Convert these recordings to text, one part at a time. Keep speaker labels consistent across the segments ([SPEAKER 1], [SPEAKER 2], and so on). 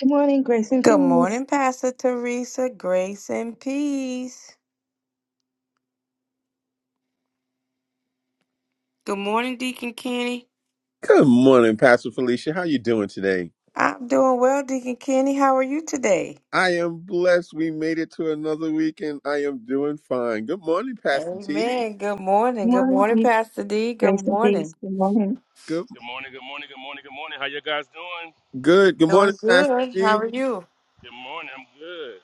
[SPEAKER 1] Good morning, grace and
[SPEAKER 2] Good
[SPEAKER 1] peace.
[SPEAKER 2] morning, Pastor Teresa. Grace and peace. Good morning, Deacon Kenny.
[SPEAKER 3] Good morning, Pastor Felicia. How you doing today?
[SPEAKER 2] I'm doing well, Deacon Kenny. How are you today?
[SPEAKER 3] I am blessed. We made it to another week, and I am doing fine. Good morning, Pastor T.
[SPEAKER 2] Amen. Good
[SPEAKER 1] Good
[SPEAKER 2] morning. Good
[SPEAKER 1] morning,
[SPEAKER 2] morning,
[SPEAKER 1] deep
[SPEAKER 2] Pastor D. Good
[SPEAKER 1] grace and peace.
[SPEAKER 2] morning.
[SPEAKER 1] Good morning.
[SPEAKER 3] Good,
[SPEAKER 4] Good morning, good morning, good morning, good morning. How you guys doing?
[SPEAKER 3] good. Good
[SPEAKER 2] Doing
[SPEAKER 3] morning, Pastor
[SPEAKER 2] good. How
[SPEAKER 3] T.
[SPEAKER 2] are you?
[SPEAKER 4] Good morning, I'm good.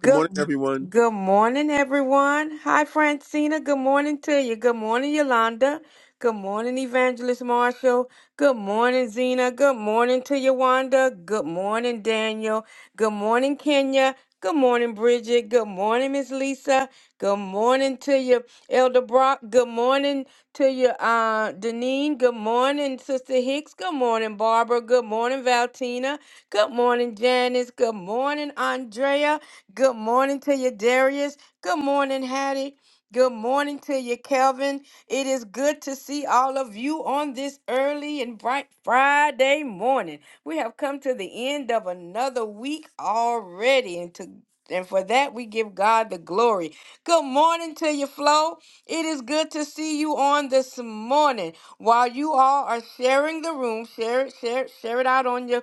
[SPEAKER 3] Good
[SPEAKER 2] Good
[SPEAKER 3] morning, everyone.
[SPEAKER 2] good morning, everyone. Hi, Francina. Good morning to you. Good morning, Yolanda. Good morning, Evangelist Marshall. Good morning, Zena. Good morning to Yawanda. Good morning, Daniel. Good morning, Kenya. Good morning, Bridget. Good morning, Miss Lisa. Good morning to you, Elder Brock. Good morning to you, uh, Deneen. Good morning, Sister Hicks. Good morning, Barbara. Good morning, Valtina. Good morning, Janice. Good morning, Andrea. Good morning to you, Darius. Good morning, Hattie. Good morning to you, Kelvin. It is good to see all of you on this early and bright Friday morning. We have come to the end of another week already, and to and for that we give God the glory. Good morning to you, Flo. It is good to see you on this morning. While you all are sharing the room, share it, share it, share it out on your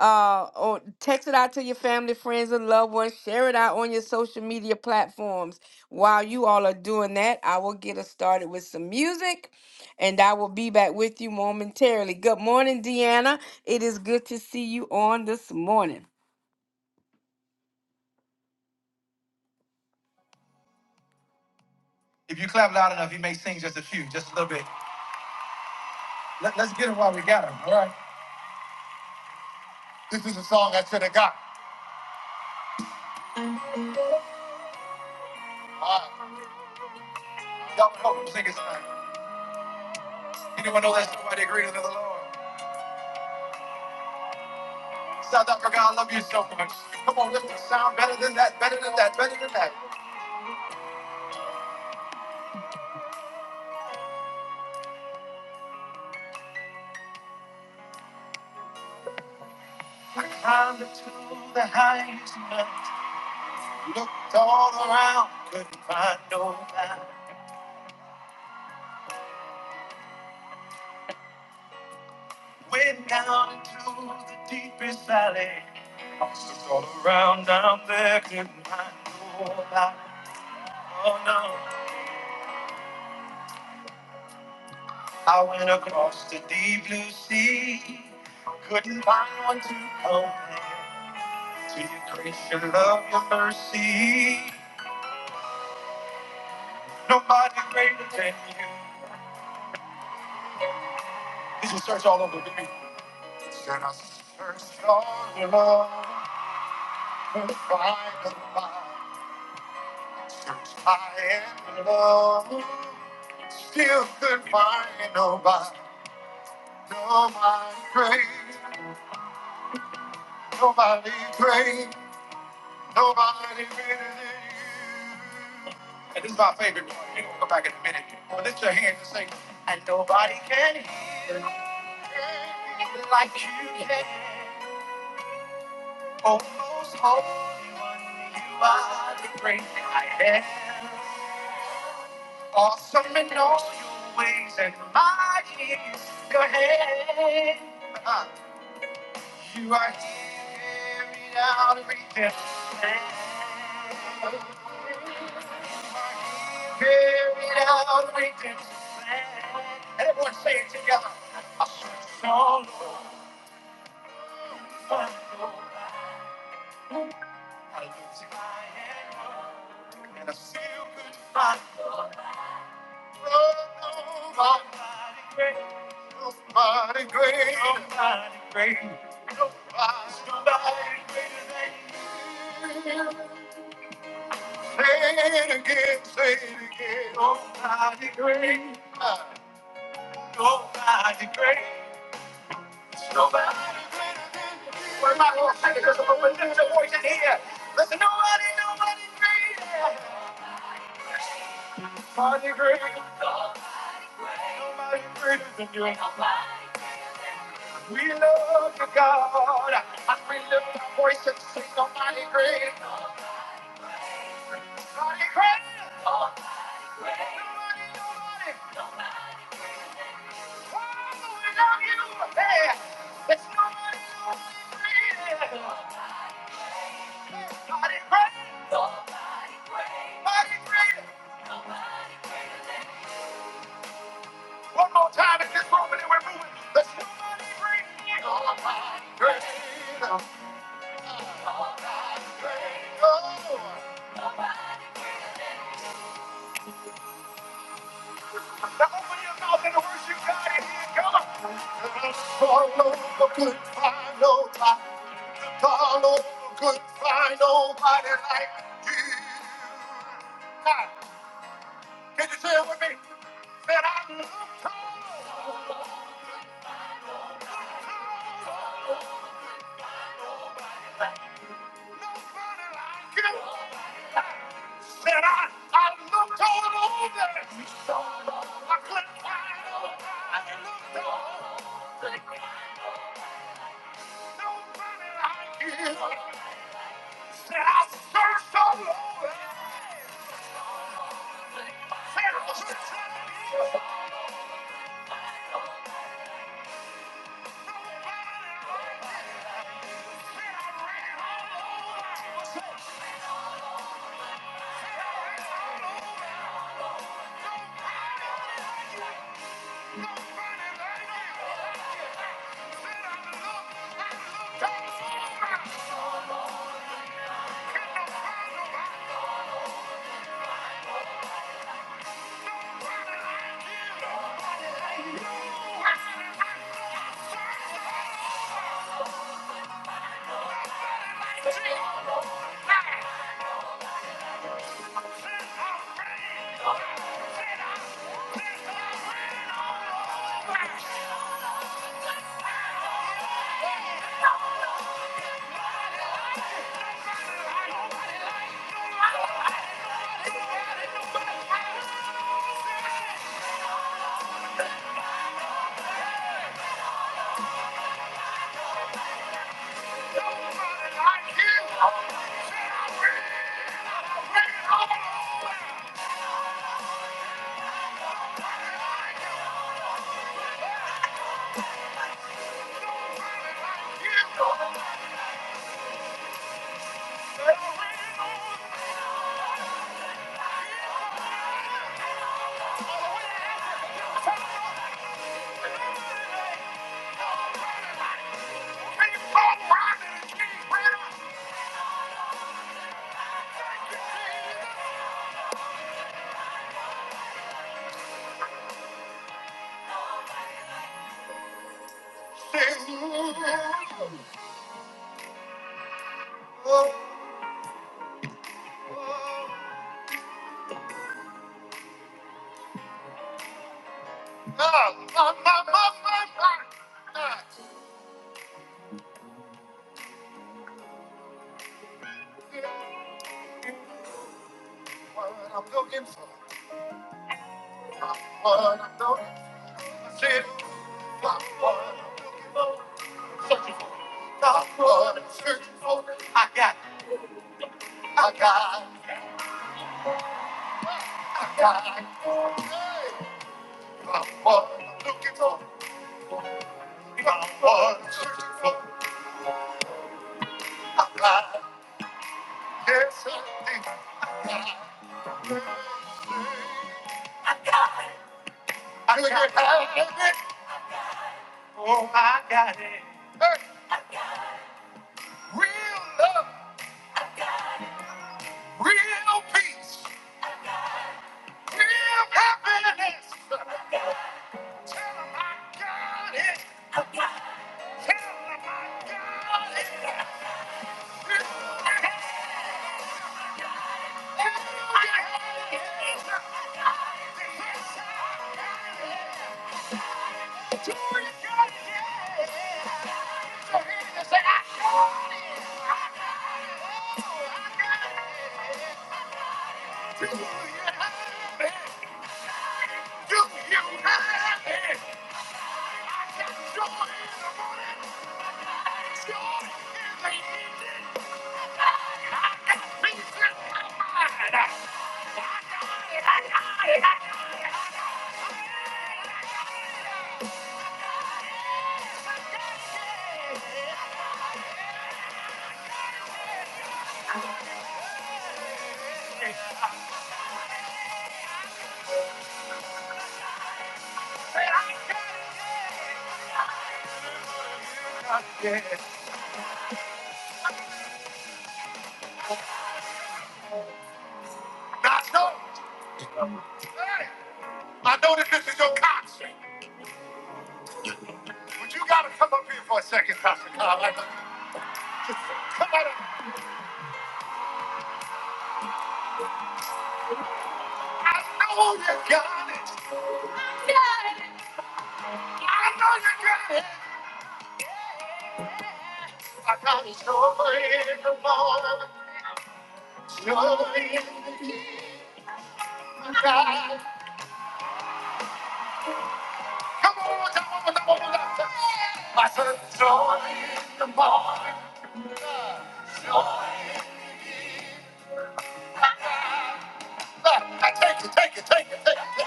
[SPEAKER 2] uh or text it out to your family friends and loved ones share it out on your social media platforms while you all are doing that i will get us started with some music and i will be back with you momentarily good morning deanna it is good to see you on this morning if you clap loud enough you may sing just a few just a little bit Let, us get him while we got him all right this is a song i should have got all right y'all know who sing it tonight anyone know that somebody agrees with the lord South Africa, I love you so much. Come on, lift the sound better than that, better than that, better than that. I climbed up to the highest mountain, looked all around, couldn't find no man. Went down into the deepest valley, I looked all around down there, couldn't find no man. Oh no, I went across the deep blue sea, couldn't find one to compare to your grace, your love, your mercy. Nobody greater than you. This will search all over the earth. Should I search all alone to find a light? Search high and low. Still could find nobody. Nobody great. Nobody great. Nobody better than you. And this is my favorite one. We're gonna go back in a minute. But lift your hands and sing. And nobody can heal like you can. Almost holy one, you are the great I am. Awesome in all your ways and mighty is your hand. Uh, You are here out everything. Carried out redemption. plan. Everyone say it together. I searched all over, I looked high and low, and I still could find none. Oh, Nobody great, nobody great, nobody great. Nobody's nobody greater than you. Say it again, say it again. Nobody great, nobody great. Nobody We're not gonna take it because of the new voice in here. Listen, nobody, nobody greater. Nobody greater. Nobody greater than you. We love you, God. And we lift our voice and sing, nobody greater. Nobody greater. Nobody, nobody. Oh, we love you. Hey, there's nobody, nobody greater. Nobody greater. Nobody greater. One more time in this room and then we're moving. The somebody bring all my great, oh, oh. Now open your mouth and worship God in here. Come on. And I swallowed the good find, oh, I swallowed the good find, nobody like you. Now, Can you say it with me? That I love God, nobody like you. Said I, I looked all over. I couldn't find nobody. I Looked all over. Nobody like you. Said I searched all over. Said I was trying to find you. Oh, oh. Ah, ah, ah, ah, ah, ah. Ah. What I'm looking for. What I'm looking for. I got, I got, I got. I Got what I'm looking for. I Got what I'm searching for. I got, yes, I do. I got. do have it. Oh, I got it. Hey, real love, real peace. Happy I got it. Yeah. I know. Hey, I know that this is your concert, but you gotta come up here for a second, Pastor Carl. Like, Come on up. I know you got it. I know you got it. I got joy in the morning, joy in the night. Come on, come on, come on, come on. I said joy in the morning, joy. in I take it, take it, take it, take it.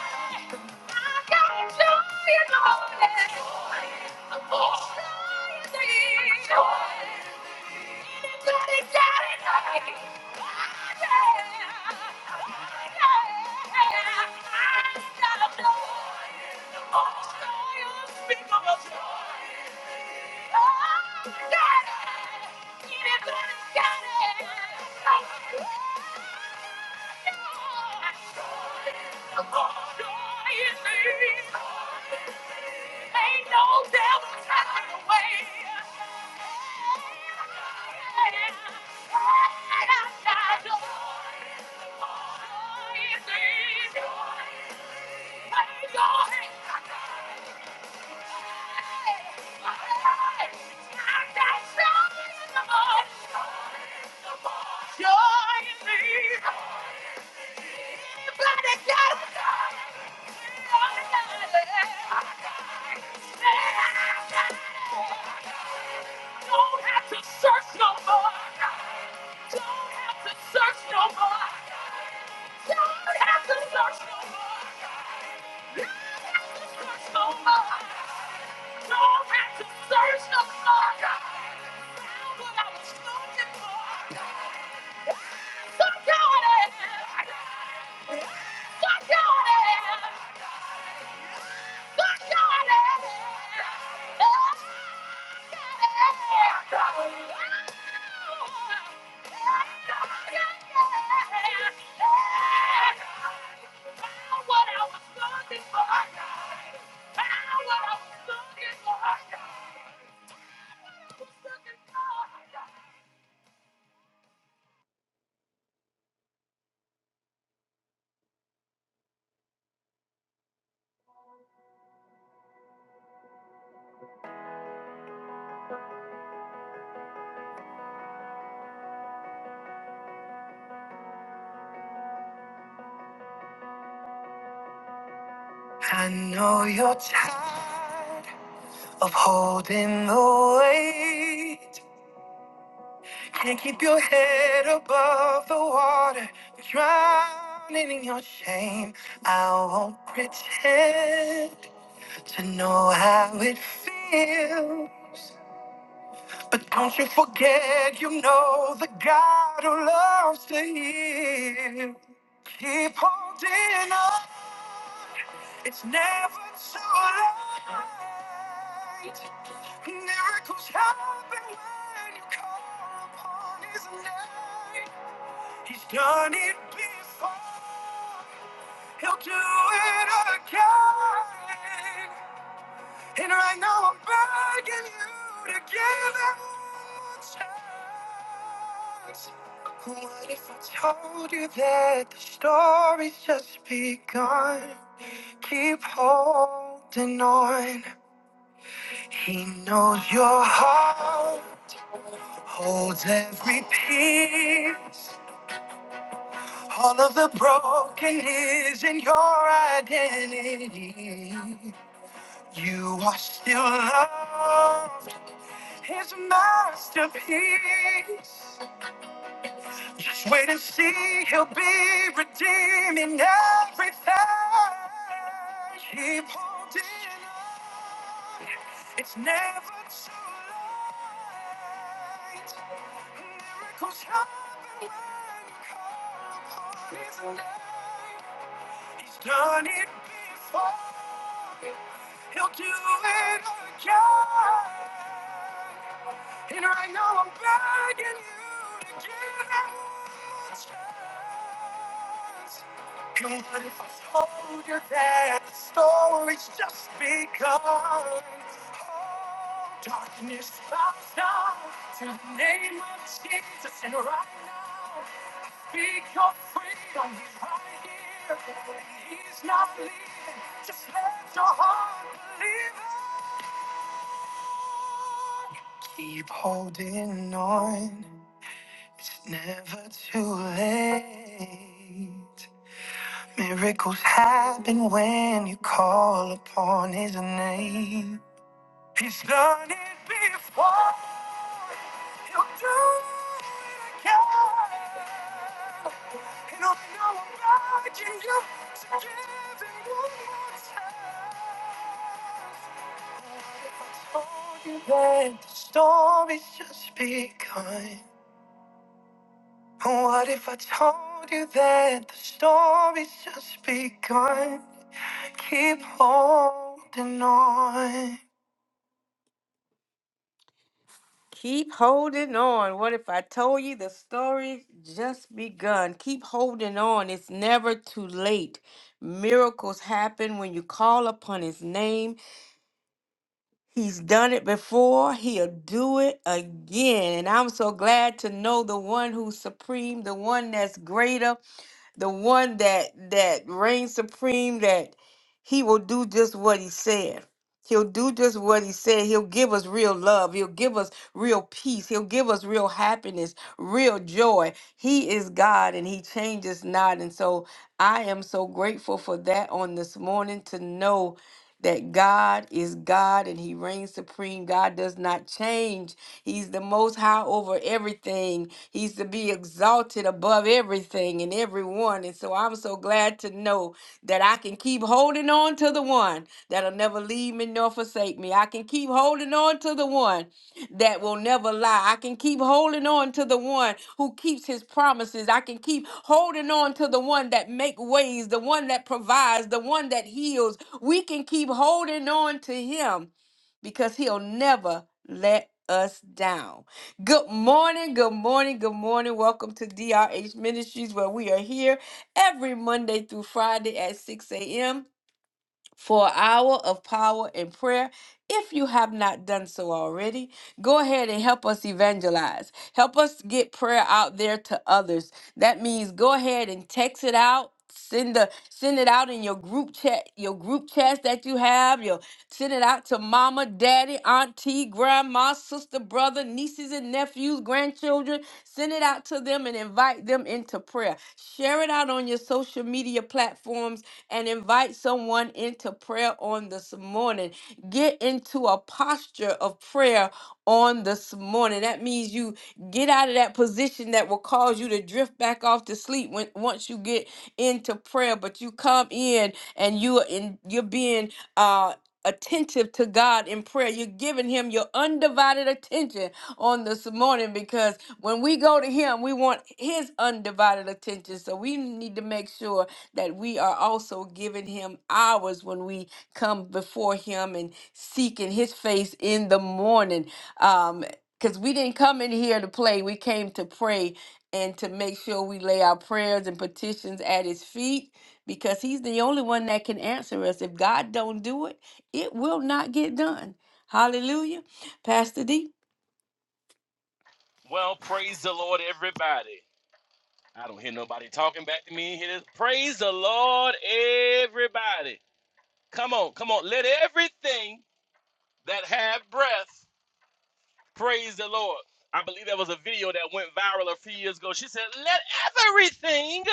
[SPEAKER 2] I got joy in the morning, joy in the morning. joy. Oh, joy you me. Ain't no devil turned away. Joy, is Don't have to search no more. Don't have to search no more. Don't have to search no more. Don't have to search no more. Don't have to search no more. Found what I was looking for. So go ahead. So go ahead. I know you're tired of holding the weight. Can't keep your head above the water. You're drowning in your shame. I won't pretend to know how it feels. But don't you forget, you know the God who loves to heal. Keep holding on. It's never too late. Miracles happen when you call upon His name. He's done it before. He'll do it again. And right now I'm begging you to give it a chance. What if I told you that the story's just begun? Keep holding on. He knows your heart holds every piece. All of the broken is in your identity. You are still loved. His masterpiece. Just wait and see, he'll be redeeming everything he pulled in. on. It's never too late. Miracles happen when you call upon his name. He's done it before. He'll do it again. And right now I'm begging you to give it a chance. Come on, if I told you that the story's just begun. Oh, darkness bows down to the name of Jesus, and right now. Speak your freedom, he's right here. When He's not leaving. Just let your heart believe it. Keep holding on. It's never too late. Miracles happen when you call upon his name. He's done it before. He'll do it again. And I'm now inviting you to give him one more chance. What if I told you that the story's just begun? What if I told you that the story's just begun? Keep holding on. Keep holding on. What if I told you the story just begun? Keep holding on. It's never too late. Miracles happen when you call upon his name. He's done it before, he'll do it again. And I'm so glad to know the one who's supreme, the one that's greater the one that that reigns supreme that he will do just what he said he'll do just what he said he'll give us real love he'll give us real peace he'll give us real happiness real joy he is god and he changes not and so i am so grateful for that on this morning to know that God is God and He reigns supreme. God does not change. He's the most high over everything. He's to be exalted above everything and everyone. And so I'm so glad to know that I can keep holding on to the one that'll never leave me nor forsake me. I can keep holding on to the one that will never lie. I can keep holding on to the one who keeps his promises. I can keep holding on to the one that make ways, the one that provides, the one that heals. We can keep holding on to him because he'll never let us down. Good morning, good morning, good morning. Welcome to DRH Ministries, where we are here every Monday through Friday at 6 a.m for an hour of power and prayer. If you have not done so already, go ahead and help us evangelize. Help us get prayer out there to others. That means go ahead and text it out. Send the send it out in your group chat, your group chats that you have. Your send it out to mama, daddy, auntie, grandma, sister, brother, nieces and nephews, grandchildren. Send it out to them and invite them into prayer. Share it out on your social media platforms and invite someone into prayer on this morning. Get into a posture of prayer on this morning. That means you get out of that position that will cause you to drift back off to sleep when once you get into prayer, but you come in and you are in you're being uh attentive to God in prayer. You're giving him your undivided attention on this morning because when we go to him, we want his undivided attention. So we need to make sure that we are also giving him ours when we come before him and seeking his face in the morning. Um because we didn't come in here to play. We came to pray and to make sure we lay our prayers and petitions at his feet because he's the only one that can answer us. If God don't do it, it will not get done. Hallelujah. Pastor D.
[SPEAKER 4] Well, praise the Lord, everybody. I don't hear nobody talking back to me in here. Praise the Lord, everybody. Come on, come on. Let everything that have breath Praise the Lord. I believe there was a video that went viral a few years ago. She said, Let everything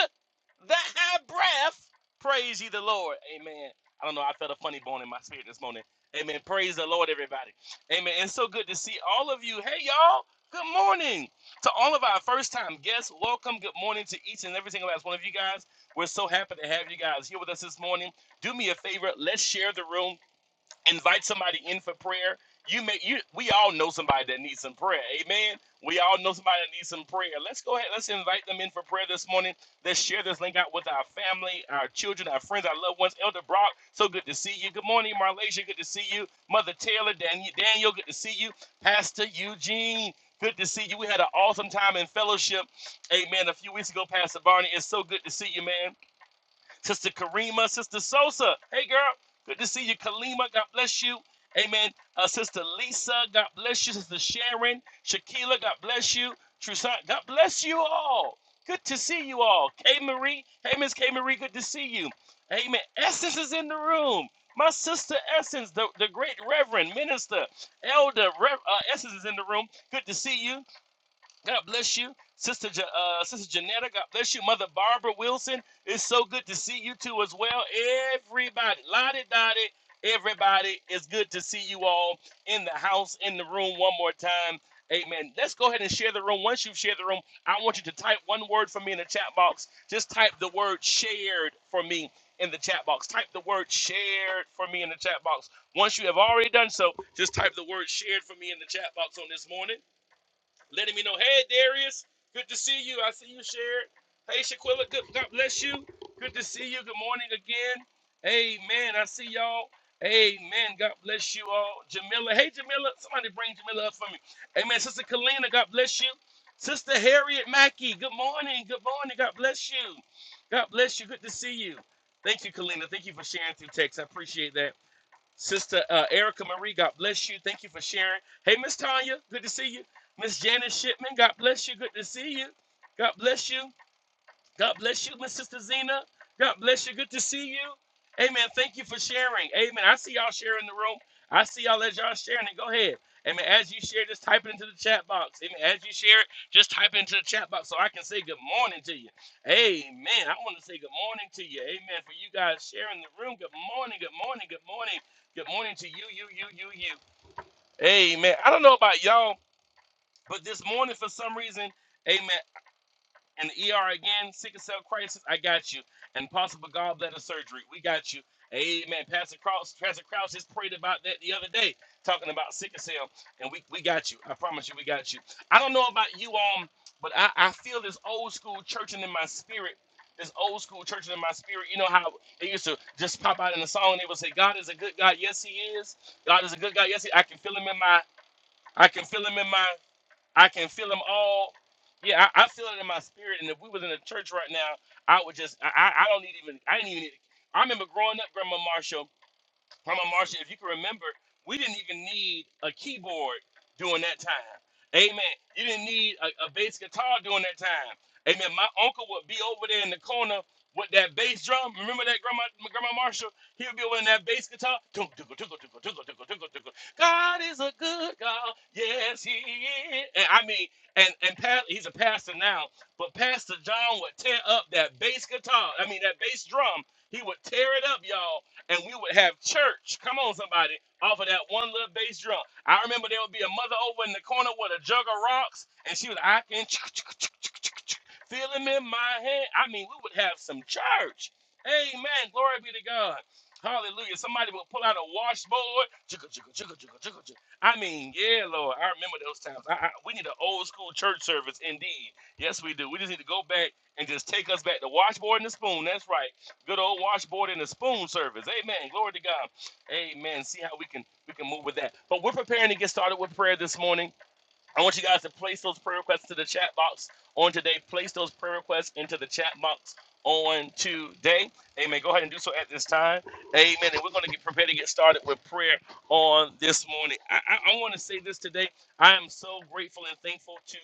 [SPEAKER 4] that have breath praise ye the Lord. Amen. I don't know. I felt a funny bone in my spirit this morning. Amen. Praise the Lord, everybody. Amen. It's so good to see all of you. Hey, y'all. Good morning to all of our first time guests. Welcome. Good morning to each and every single last one of you guys. We're so happy to have you guys here with us this morning. Do me a favor. Let's share the room invite somebody in for prayer. You may you we all know somebody that needs some prayer. Amen. We all know somebody that needs some prayer. Let's go ahead. Let's invite them in for prayer this morning. Let's share this link out with our family, our children, our friends, our loved ones. Elder Brock, so good to see you. Good morning, Marlasia. Good to see you. Mother Taylor, Dan- Daniel, good to see you. Pastor Eugene, good to see you. We had an awesome time in fellowship. Amen. A few weeks ago, Pastor Barney. It's so good to see you, man. Sister Karima, Sister Sosa. Hey, girl, good to see you. Kalima, God bless you. Amen. Uh, Sister Lisa, God bless you. Sister Sharon, Shakila, God bless you. Trusant, God bless you all. Good to see you all. K Marie, hey Miss K Marie, good to see you. Amen. Essence is in the room. My sister Essence, the, the great Reverend Minister Elder Rev, uh, Essence is in the room. Good to see you. God bless you. Sister, Ja- uh, Sister Janetta, God bless you. Mother Barbara Wilson, it's so good to see you too as well. Everybody, la di da di. everybody, it's good to see you all in the house, in the room one more time. Amen. Let's go ahead and share the room. Once you've shared the room, I want you to type one word for me in the chat box. Just type the word shared for me in the chat box. Type the word shared for me in the chat box. Once you have already done so, just type the word shared for me in the chat box on this morning letting me know, hey Darius, good to see you. I see you shared. Hey Shaquilla, good God bless you. Good to see you. Good morning again. Amen. I see y'all. Amen. God bless you all. Jamila. Hey Jamila. Somebody bring Jamila up for me. Amen. Sister Kalina, God bless you. Sister Harriet Mackey, good morning. Good morning. God bless you. God bless you. Good to see you. Thank you, Kalina. Thank you for sharing through text. I appreciate that. Sister uh, Erica Marie, God bless you. Thank you for sharing. Hey, Miss Tanya, good to see you. Miss Janice Shipman, God bless you. Good to see you. God bless you. God bless you, my sister Zena. God bless you. Good to see you. Amen. Thank you for sharing. Amen. I see y'all sharing the room. I see y'all as y'all sharing it. Go ahead. Amen. As you share, just type it into the chat box. Amen. As you share it, just type it into the chat box so I can say good morning to you. Amen. I want to say good morning to you. Amen. For you guys sharing the room. Good morning. Good morning. Good morning. Good morning to you, you, you, you, you. Amen. I don't know about y'all, but this morning for some reason, amen. And the ER again, sickle cell crisis, I got you. And possible gallbladder surgery, we got you. Amen. Pastor Cross, Pastor Krause just prayed about that the other day, talking about sickle cell, and we, we got you. I promise you, we got you. I don't know about you, um, but I, I feel this old school churching in my spirit. This old school churching in my spirit. You know how it used to just pop out in the song, and they would say, "God is a good God, yes He is. God is a good God, yes He." is. I can feel Him in my, I can feel Him in my. I can feel them all. Yeah, I, I feel it in my spirit. And if we was in a church right now, I would just I, I I don't need even I didn't even need I remember growing up, Grandma Marshall. Grandma Marcia, if you can remember, we didn't even need a keyboard during that time. Amen. You didn't need a, a bass guitar during that time. Amen. My uncle would be over there in the corner with that bass drum. Remember that, Grandma Grandma Marshall? He would be over in that bass guitar. Tunk, tunk, tunk, tunk, tunk, tunk, tunk, tunk, tunk. God is a good God. Yes, he is. And I mean, and, and pa- he's a pastor now, but Pastor John would tear up that bass guitar. I mean, that bass drum. He would tear it up, y'all and we would have church. Come on, somebody, off of that one little bass drum. I remember there would be a mother over in the corner with a jug of rocks, and she was I can feel him in my hand. I mean, we would have some church. Amen. Glory be to God. Hallelujah. Somebody would pull out a washboard. Chugga, chugga, chugga, chugga, chugga, chugga. I mean, yeah, Lord. I remember those times. I, I, we need an old school church service indeed. Yes, we do. We just need to go back and just take us back the washboard and the spoon. That's right. Good old washboard and a spoon service. Amen. Glory to God. Amen. See how we can we can move with that. But we're preparing to get started with prayer this morning. I want you guys to place those prayer requests to the chat box on today. Place those prayer requests into the chat box on today. Amen. Go ahead and do so at this time. Amen. And we're going to get prepared to get started with prayer on this morning. I, I, I want to say this today. I am so grateful and thankful to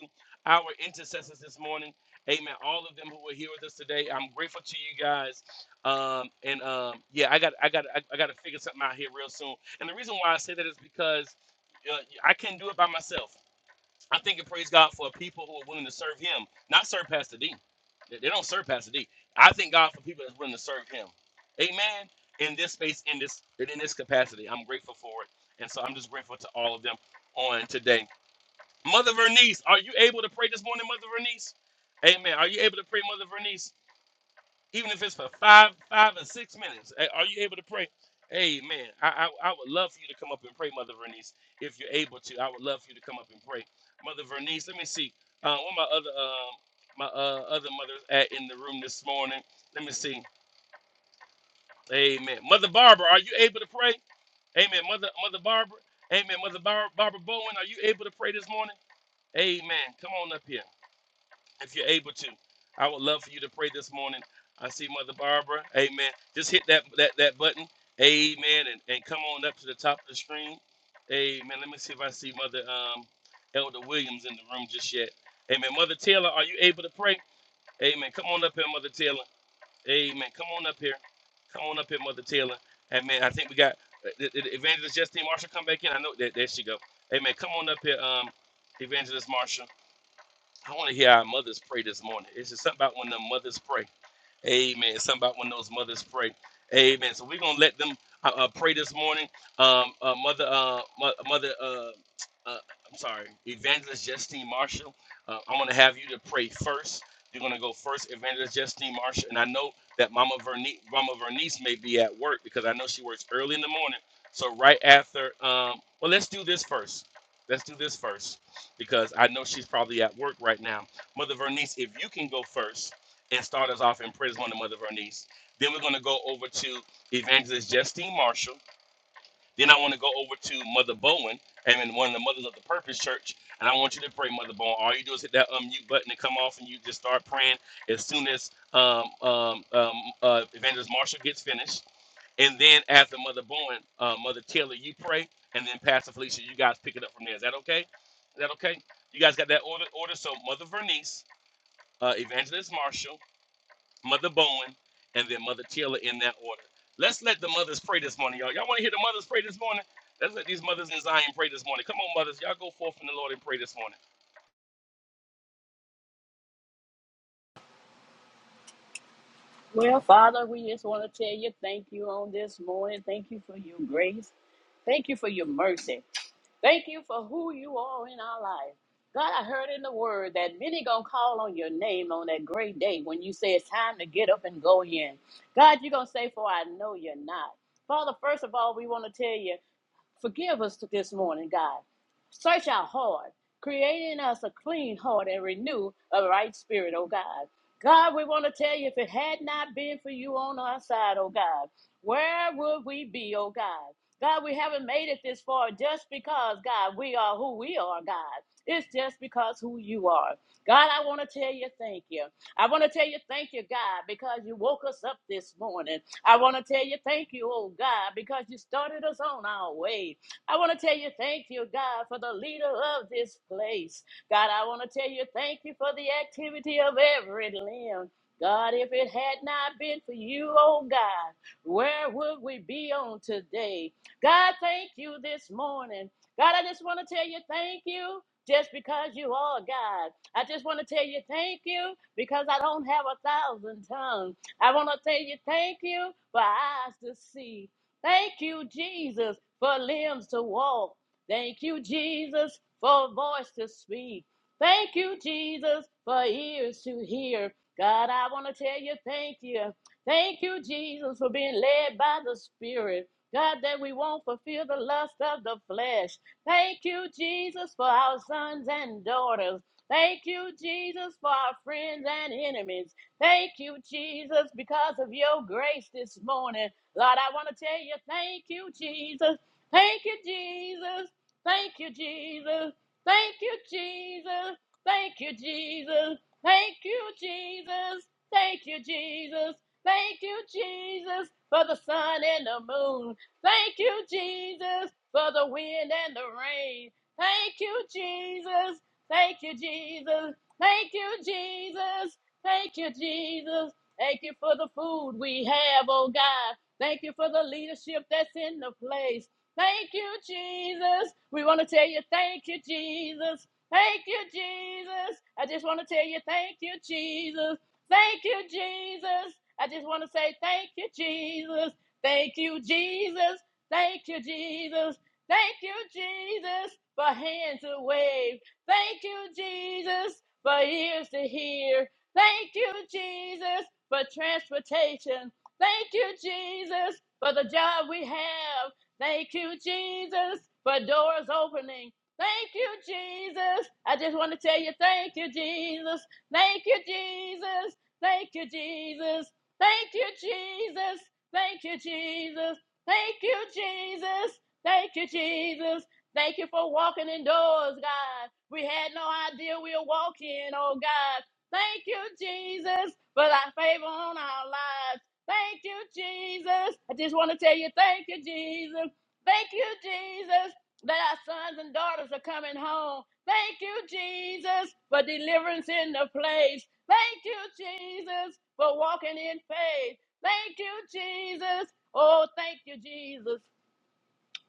[SPEAKER 4] our intercessors this morning. Amen. All of them who are here with us today. I'm grateful to you guys. Um, and um, yeah, I got I got I, I got to figure something out here real soon. And the reason why I say that is because uh, I can't do it by myself. I think and praise God for people who are willing to serve Him, not serve Pastor D. They they don't serve Pastor D. I thank God for people that's willing to serve Him. Amen. In this space, in this in this capacity, I'm grateful for it, and so I'm just grateful to all of them on today. Mother Vernice, are you able to pray this morning, Mother Vernice? Amen. Are you able to pray, Mother Vernice? even if it's for five, five or six minutes. A- Are you able to pray? Amen. I, I, I would love for you to come up and pray, Mother Vernice, if you're able to. I would love for you to come up and pray, Mother Vernice. Let me see. Uh, one of my other um, my uh, other mothers at in the room this morning. Let me see. Amen. Mother Barbara, are you able to pray? Amen. Mother Mother Barbara. Amen. Mother Bar- Barbara Bowen, are you able to pray this morning? Amen. Come on up here if you're able to, I would love for you to pray this morning. I see Mother Barbara. Amen. Just hit that that, that button. Amen. And, and come on up to the top of the screen. Amen. Let me see if I see Mother um, Elder Williams in the room just yet. Amen. Mother Taylor, are you able to pray? Amen. Come on up here, Mother Taylor. Amen. Come on up here. Come on up here, Mother Taylor. Amen. I think we got uh, the- Evangelist Justine Marshall come back in. I know that there she go. Amen. Come on up here, um, Evangelist Marshall. I want to hear our mothers pray this morning. It's just something about when the mothers pray. Amen. Something about when those mothers pray. Amen. So we're gonna let them uh, uh, pray this morning. Um, uh, mother, uh, mo- mother, uh, uh, I'm sorry, Evangelist Justine Marshall. Uh, I'm gonna have you to pray first. You're gonna go first, Evangelist Justine Marshall. And I know that Mama Vernice, Mama Vernice may be at work because I know she works early in the morning. So right after, um, well, let's do this first. Let's do this first because I know she's probably at work right now. Mother Vernice, if you can go first and start us off in prayers on the mother of our niece. Then we're going to go over to Evangelist Justine Marshall. Then I want to go over to Mother Bowen and then one of the mothers of the Purpose Church. And I want you to pray, Mother Bowen. All you do is hit that unmute button and come off, and you just start praying as soon as um, um, um, uh, Evangelist Marshall gets finished. And then after Mother Bowen, uh, Mother Taylor, you pray, and then Pastor Felicia, you guys pick it up from there. Is that okay? Is that okay? You guys got that order? Order. So Mother Vernice, uh, Evangelist Marshall. Mother Bowen, and then Mother Taylor in that order. Let's let the mothers pray this morning, y'all. Y'all want to hear the mothers pray this morning? Let's let these mothers in Zion pray this morning. Come on, mothers. Y'all go forth in the Lord and pray this morning.
[SPEAKER 5] Well, Father, we just want to tell you thank you on this morning. Thank you for your grace. Thank you for your mercy. Thank you for who you are in our life. God, I heard in the word that many gonna call on your name on that great day when you say it's time to get up and go in. God, you're gonna say, For I know you're not. Father, first of all, we want to tell you. Forgive us this morning, God. Search our heart, create in us a clean heart and renew a right spirit, oh God. God, we want to tell you if it had not been for you on our side, oh God, where would we be, oh God? God, we haven't made it this far just because, God, we are who we are, God. It's just because who you are. God, I want to tell you thank you. I want to tell you thank you, God, because you woke us up this morning. I want to tell you thank you, oh God, because you started us on our way. I want to tell you thank you, God, for the leader of this place. God, I want to tell you thank you for the activity of every limb. God, if it had not been for you, oh God, where would we be on today? God, thank you this morning. God, I just want to tell you thank you just because you are God. I just want to tell you thank you because I don't have a thousand tongues. I want to tell you thank you for eyes to see. Thank you, Jesus, for limbs to walk. Thank you, Jesus, for a voice to speak. Thank you, Jesus, for ears to hear. God, I want to tell you thank you. Thank you, Jesus, for being led by the Spirit. God, that we won't fulfill the lust of the flesh. Thank you, Jesus, for our sons and daughters. Thank you, Jesus, for our friends and enemies. Thank you, Jesus, because of your grace this morning. Lord, I want to tell you, thank you, Jesus. Thank you, Jesus. Thank you, Jesus. Thank you, Jesus. Thank you, Jesus. Thank you, Jesus. Thank you, Jesus. Thank you, Jesus, for the sun and the moon. Thank you, Jesus, for the wind and the rain. Thank you, Jesus. Thank you, Jesus. Thank you, Jesus. Thank you, Jesus. Thank you for the food we have, oh God. Thank you for the leadership that's in the place. Thank you, Jesus. We want to tell you, thank you, Jesus. Thank you, Jesus. I just want to tell you, thank you, Jesus. Thank you, Jesus. I just want to say, thank you, Jesus. Thank you, Jesus. Thank you, Jesus. Thank you, Jesus, for hands to wave. Thank you, Jesus, for ears to hear. Thank you, Jesus, for transportation. Thank you, Jesus, for the job we have. Thank you, Jesus, for doors opening. Thank you, Jesus. I just want to tell you, thank you, Jesus. Thank you, Jesus. Thank you, Jesus. Thank you, Jesus. Thank you, Jesus. Thank you, Jesus. Thank you, Jesus. Thank you for walking in doors, God. We had no idea we were walking, oh God. Thank you, Jesus, for thy favor on our lives. Thank you, Jesus. I just want to tell you, thank you, Jesus. Thank you, Jesus, that our sons and daughters are coming home. Thank you, Jesus, for deliverance in the place. Thank you, Jesus, for walking in faith. Thank you, Jesus. Oh, thank you, Jesus.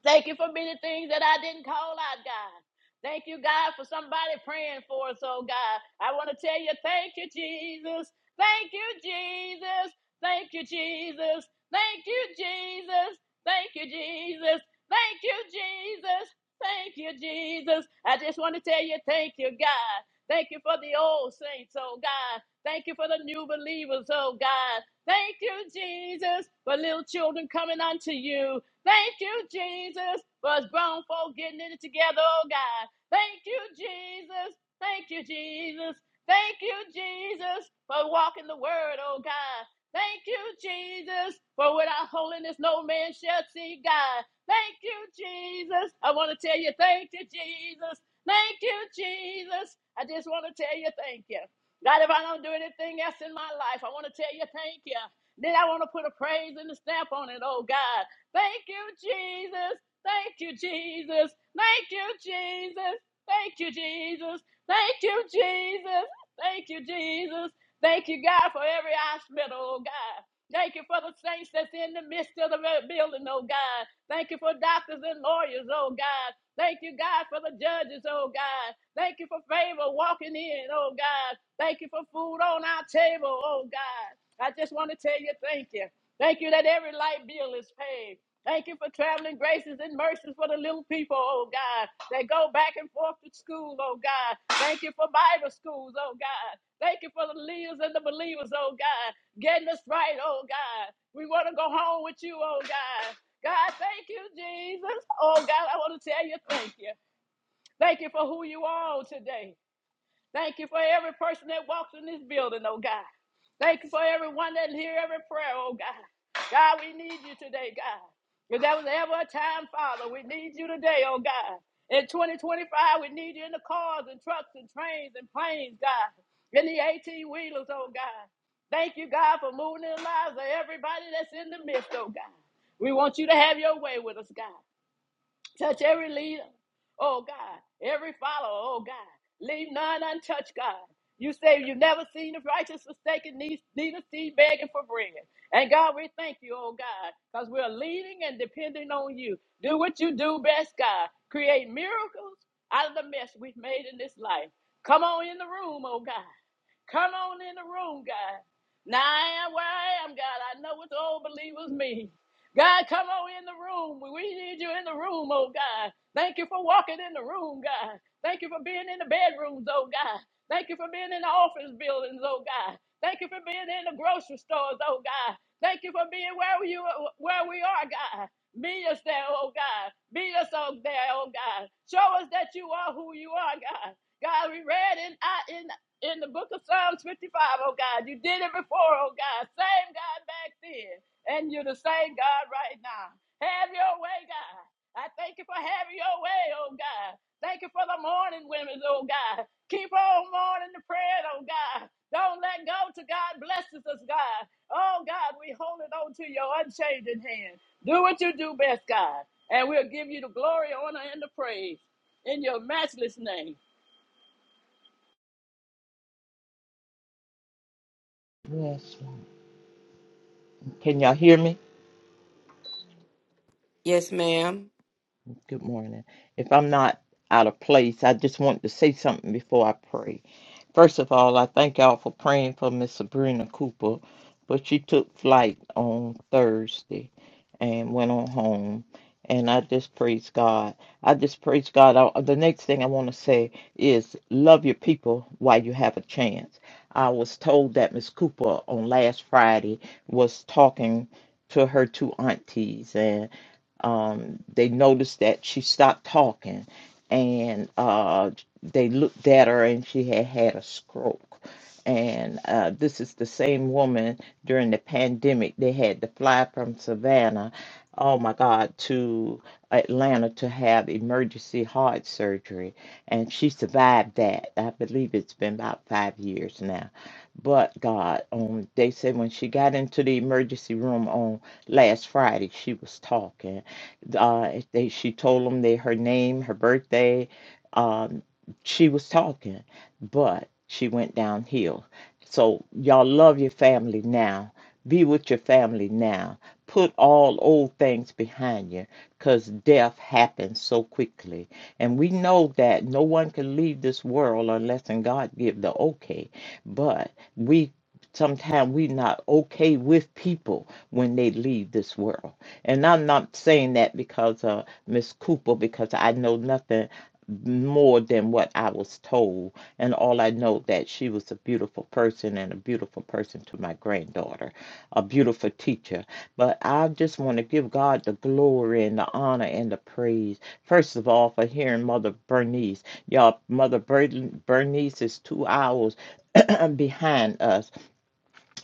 [SPEAKER 5] Thank you for many things that I didn't call out, God. Thank you, God, for somebody praying for us, oh God. I want to tell you, thank you, Jesus. Thank you, Jesus. Thank you, Jesus. Thank you, Jesus. Thank you, Jesus. Thank you, Jesus. Thank you, Jesus. I just want to tell you, thank you, God. Thank you for the old saints, oh God. Thank you for the new believers, oh God. Thank you, Jesus, for little children coming unto you. Thank you, Jesus, for us grown folk getting in it together, oh God. Thank you, Jesus. Thank you, Jesus. Thank you, Jesus, for walking the word, oh God. Thank you, Jesus, for without holiness no man shall see God. Thank you, Jesus. I want to tell you, thank you, Jesus. Thank you, Jesus. I just want to tell you, thank you. God, if I don't do anything else in my life, I want to tell you, thank you. Then I want to put a praise and a stamp on it, oh God. Thank you, Jesus. Thank you, Jesus. Thank you, Jesus. Thank you, Jesus. Thank you, Jesus. Thank you, Jesus. Thank you, God, for every hospital, oh God. Thank you for the saints that's in the midst of the building, oh God. Thank you for doctors and lawyers, oh God. Thank you, God, for the judges, oh God. Thank you for favor walking in, oh God. Thank you for food on our table, oh God. I just want to tell you thank you. Thank you that every light bill is paid. Thank you for traveling graces and mercies for the little people, oh God. They go back and forth to school, oh God. Thank you for Bible schools, oh God. Thank you for the leaders and the believers, oh God. Getting us right, oh God. We want to go home with you, oh God. God, thank you, Jesus. Oh God, I want to tell you thank you. Thank you for who you are today. Thank you for every person that walks in this building, oh God. Thank you for everyone that hear every prayer, oh God. God, we need you today, God. If there was ever a time, Father, we need you today, oh God. In 2025, we need you in the cars and trucks and trains and planes, God. In the 18 wheelers, oh God. Thank you, God, for moving in the lives of everybody that's in the midst, oh God. We want you to have your way with us, God. Touch every leader, oh God, every follower, oh God. Leave none untouched, God. You say you've never seen the righteous forsaken, ne- neither see begging for bread. And God, we thank you, oh God, because we're leaning and depending on you. Do what you do best, God. Create miracles out of the mess we've made in this life. Come on in the room, oh God. Come on in the room, God. Now I am where I am, God. I know what the old believers mean. God, come on in the room. We need you in the room, oh God. Thank you for walking in the room, God. Thank you for being in the bedrooms, oh God. Thank you for being in the office buildings, oh God. Thank you for being in the grocery stores, oh God. Thank you for being where you where we are, God. Meet us there, oh God. Meet us out there, oh God. Show us that you are who you are, God. God, we read in I- in in the book of Psalms 55, oh God. You did it before, oh God. Same God back then and you're the same God right now. Have your way, God. I thank you for having your way, oh God. Thank you for the morning women, oh God. Keep on morning the prayer, oh God. Don't let go to God blesses us, God. Oh God, we hold it on to your unchanging hand. Do what you do best, God, and we'll give you the glory, honor, and the praise in your matchless name.
[SPEAKER 6] Yes, ma'am. Can y'all hear me?
[SPEAKER 2] Yes, ma'am.
[SPEAKER 6] Good morning. If I'm not out of place, I just want to say something before I pray. First of all, I thank y'all for praying for Miss Sabrina Cooper, but she took flight on Thursday and went on home. And I just praise God. I just praise God. I, the next thing I want to say is love your people while you have a chance. I was told that Miss Cooper on last Friday was talking to her two aunties, and. um, they noticed that she stopped talking and uh, they looked at her and she had had a stroke and uh, this is the same woman during the pandemic they had to fly from savannah oh my god to atlanta to have emergency heart surgery and she survived that i believe it's been about five years now but god um, they said when she got into the emergency room on last friday she was talking uh, they, she told them they, her name, her birthday. Um, she was talking, but she went downhill. So y'all love your family now. Be with your family now. Put all old things behind you because death happens so quickly. And we know that no one can leave this world unless and God give the okay. But we sometimes we're not okay with people when they leave this world. And I'm not saying that because uh Miss Cooper, because I know nothing more than what I was told. And all I know that she was a beautiful person and a beautiful person to my granddaughter, a beautiful teacher. But I just want to give God the glory and the honor and the praise. First of all, for hearing Mother Bernice. Y'all, Mother Bern- Bernice is two hours behind us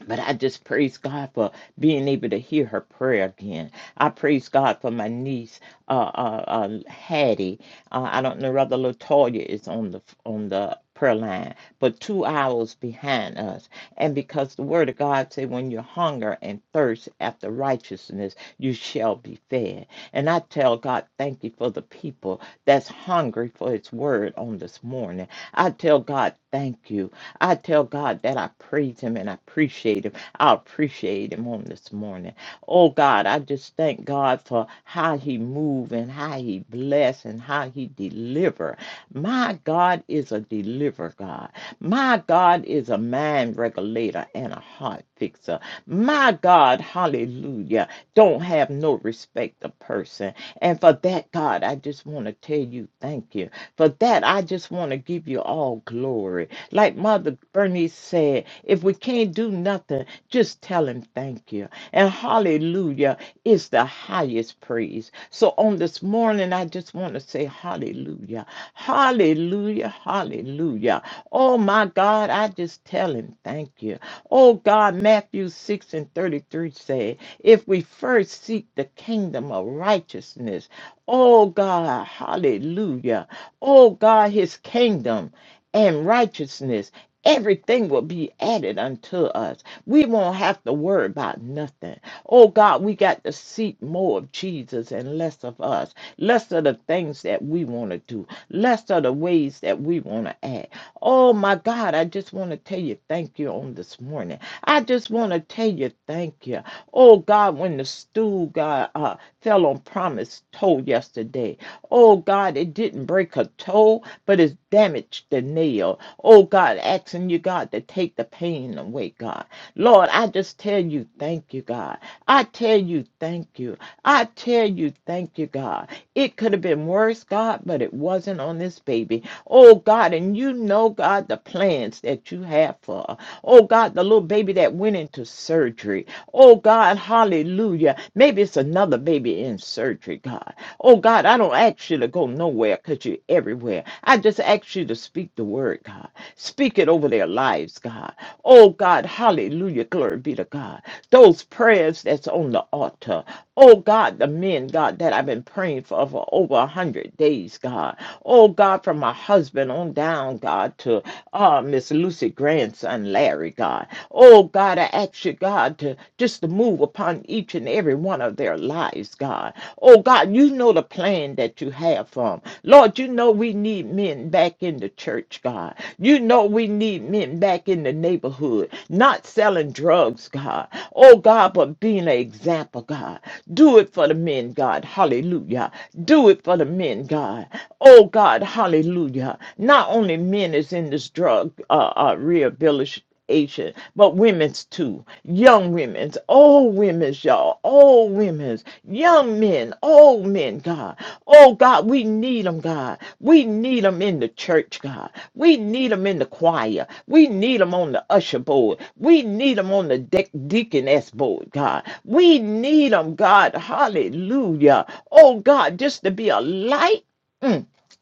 [SPEAKER 6] but I just praise God for being able to hear her prayer again. I praise God for my niece, uh, uh, uh Hattie. Uh, I don't know whether Latoya is on the on the prayer line, but two hours behind us. And because the Word of God say, when you hunger and thirst after righteousness, you shall be fed. And I tell God, thank you for the people that's hungry for His Word on this morning. I tell God, thank you I tell God that I praise Him and I appreciate Him. I appreciate Him on this morning. Oh God, I just thank God for how He move and how He bless and how He deliver. My God is a deliver God. My God is a mind regulator and a heart fixer. My God, hallelujah, don't have no respect of person. And for that, God, I just want to tell you thank you. For that, I just want to give you all glory. Like Mother Bernice said, if we can't do nothing, just tell him thank you. And hallelujah is the highest praise. So on this morning, I just want to say hallelujah. Hallelujah. Hallelujah. Oh my God, I just tell him thank you. Oh God, Matthew 6 and 33 said, if we first seek the kingdom of righteousness, oh God, hallelujah. Oh God, his kingdom and righteousness, everything will be added unto us. We won't have to worry about nothing. Oh God, we got to seek more of Jesus and less of us, less of the things that we want to do, less of the ways that we want to act. Oh my God, I just want to tell you thank you on this morning. I just want to tell you thank you. Oh God, when the stool got uh, fell on promise told yesterday, Oh God, it didn't break her toe, but it's damaged the nail. Oh God, asking you, God, to take the pain away, God. Lord, I just tell you, thank you, God. I tell you, thank you. I tell you, thank you, God. It could have been worse, God, but it wasn't on this baby. Oh God, and you know, God, the plans that you have for her. Oh God, the little baby that went into surgery. Oh God, hallelujah. Maybe it's another baby in surgery, God. Oh God, I don't ask you to go nowhere because you're everywhere. I just ask you to speak the word, God. Speak it over their lives, God. Oh God, hallelujah. Glory be to God. Those prayers that's on the altar. Oh God, the men, God, that I've been praying for over over a hundred days, God. Oh God, from my husband on down, God, to uh Miss Lucy grandson Larry, God. Oh God, I ask you, God, to just to move upon each and every one of their lives, God. Oh God, you know the plan that you have for 'em. Lord, you know we need men back in the church, God. You know we need men back in the neighborhood, not selling drugs, God. Oh, God, but being an example, God. Do it for the men, God. Hallelujah. Do it for the men, God. Oh, God, hallelujah. Not only men is in this drug uh, uh, rehabilitation Asian, but women's too. Young women's, old women's, y'all, old women's, young men, old men, God. Oh, God, we need them, God. We need them in the church, God. We need them in the choir. We need them on the usher board. We need them on the de- deaconess board, God. We need them, God. Hallelujah. Oh, God, just to be a light. Mm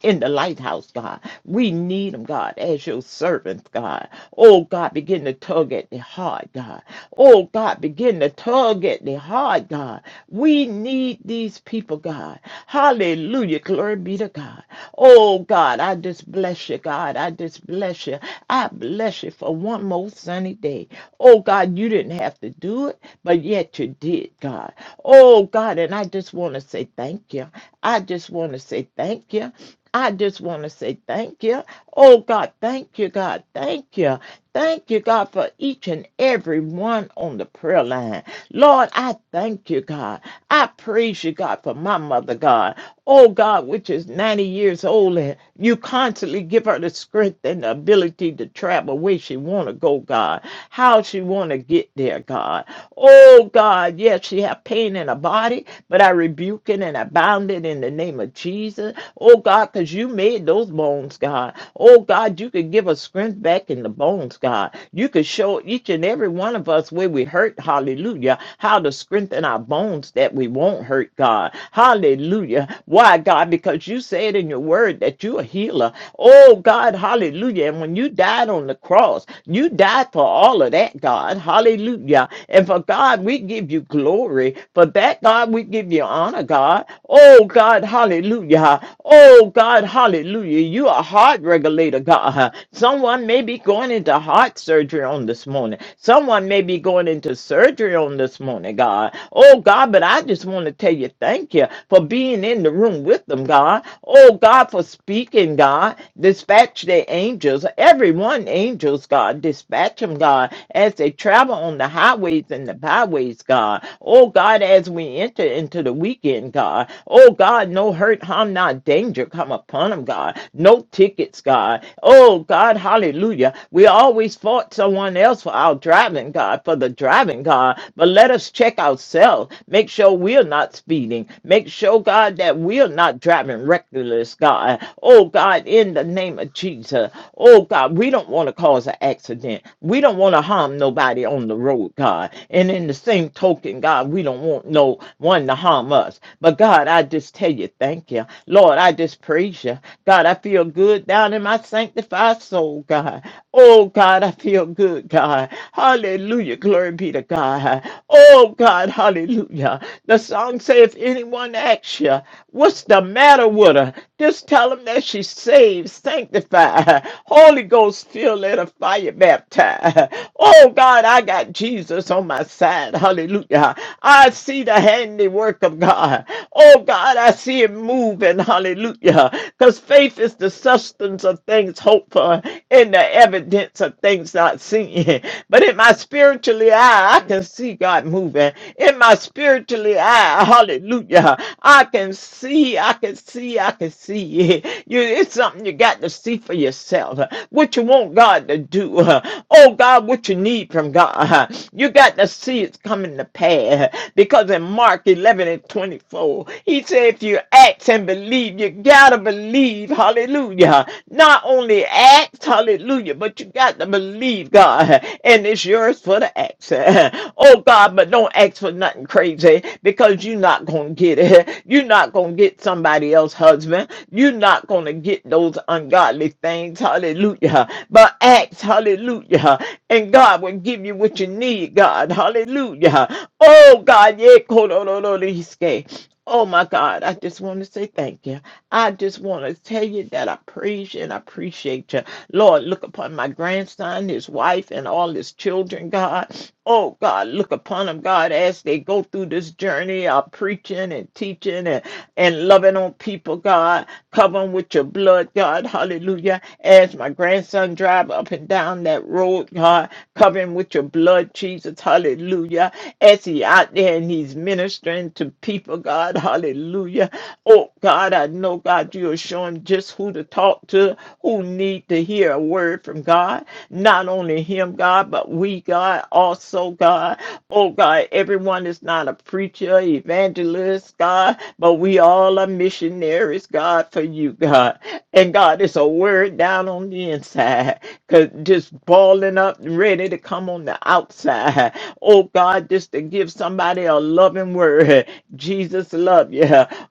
[SPEAKER 6] in the lighthouse, God. We need them, God, as your servants, God. Oh, God, begin to tug at the heart, God. Oh, God, begin to tug at the heart, God. We need these people, God. Hallelujah. Glory be to God. Oh, God, I just bless you, God. I just bless you. I bless you for one more sunny day. Oh, God, you didn't have to do it, but yet you did, God. Oh, God, and I just want to say thank you. I just want to say thank you. I just want to say thank you. Oh God, thank you, God. Thank you. Thank you, God, for each and every one on the prayer line. Lord, I thank you, God. I praise you, God, for my mother, God. Oh God, which is 90 years old, and you constantly give her the strength and the ability to travel where she want to go, God. How she want to get there, God. Oh God, yes, she have pain in her body, but I rebuke it and I bound it in the name of Jesus. Oh God, because you made those bones, God. Oh God, you could give us strength back in the bones, God. You could show each and every one of us where we hurt, hallelujah, how to strengthen our bones that we won't hurt, God. Hallelujah. Why, God? Because you said in your word that you're a healer. Oh God, hallelujah. And when you died on the cross, you died for all of that, God. Hallelujah. And for for God, we give you glory. For that, God, we give you honor, God. Oh, God, hallelujah. Oh, God, hallelujah. You are a heart regulator, God. Someone may be going into heart surgery on this morning. Someone may be going into surgery on this morning, God. Oh, God, but I just want to tell you thank you for being in the room with them, God. Oh, God, for speaking, God. Dispatch their angels, everyone angels, God. Dispatch them, God. God, as they travel on the highways and the byways, God. Oh, God, as we enter into the weekend, God. Oh, God, no hurt, harm, not danger come upon them, God. No tickets, God. Oh, God, hallelujah. We always fault someone else for our driving, God, for the driving, God. But let us check ourselves. Make sure we're not speeding. Make sure, God, that we're not driving reckless, God. Oh, God, in the name of Jesus. Oh, God. God, we don't want to cause an accident. We don't want to harm nobody on the road, God. And in the same token, God, we don't want no one to harm us. But God, I just tell you, thank you. Lord, I just praise you. God, I feel good down in my sanctified soul, God. Oh God, I feel good, God. Hallelujah. Glory be to God. Oh God, hallelujah. The song says, if anyone asks you, what's the matter with her? Just tell them that she's saved, sanctified, Holy Ghost filled, let her fire baptized. Oh God, I got Jesus on my side. Hallelujah. I see the handiwork of God. Oh God, I see it moving. Hallelujah. Because faith is the substance of things hoped for in the evidence evidence of things not seen. But in my spiritually eye, I can see God moving. In my spiritually eye, hallelujah. I can see, I can see, I can see. You, it's something you got to see for yourself. What you want God to do. Oh God, what you need from God. You got to see it's coming to pass. Because in Mark 11 and 24, he said, if you act and believe, you got to believe. Hallelujah. Not only act, hallelujah, you, but you got to believe God, and it's yours for the access. Oh God, but don't ask for nothing crazy because you're not gonna get it. You're not gonna get somebody else's husband. You're not gonna get those ungodly things. Hallelujah. But ask, hallelujah, and God will give you what you need, God. Hallelujah. Oh God, yeah, Oh my God, I just want to say thank you. I just want to tell you that I praise you and I appreciate you. Lord, look upon my grandson, his wife, and all his children, God. Oh God, look upon them, God, as they go through this journey of preaching and teaching and, and loving on people, God. Cover them with your blood, God. Hallelujah. As my grandson drive up and walking down that road, God, covering with your blood, Jesus, hallelujah. As he out there and he's ministering to people, God, hallelujah. Oh, God, I know, God, you'll show him just who to talk to, who need to hear a word from God. Not only him, God, but we, God, also, God. Oh, God, everyone is not a preacher, evangelist, evangelist, God, but we all are missionaries, God, for you, God. And God, it's a word down on the inside, cause just balling up, ready to come on the outside. Oh God, just to give somebody a loving word. Jesus love you.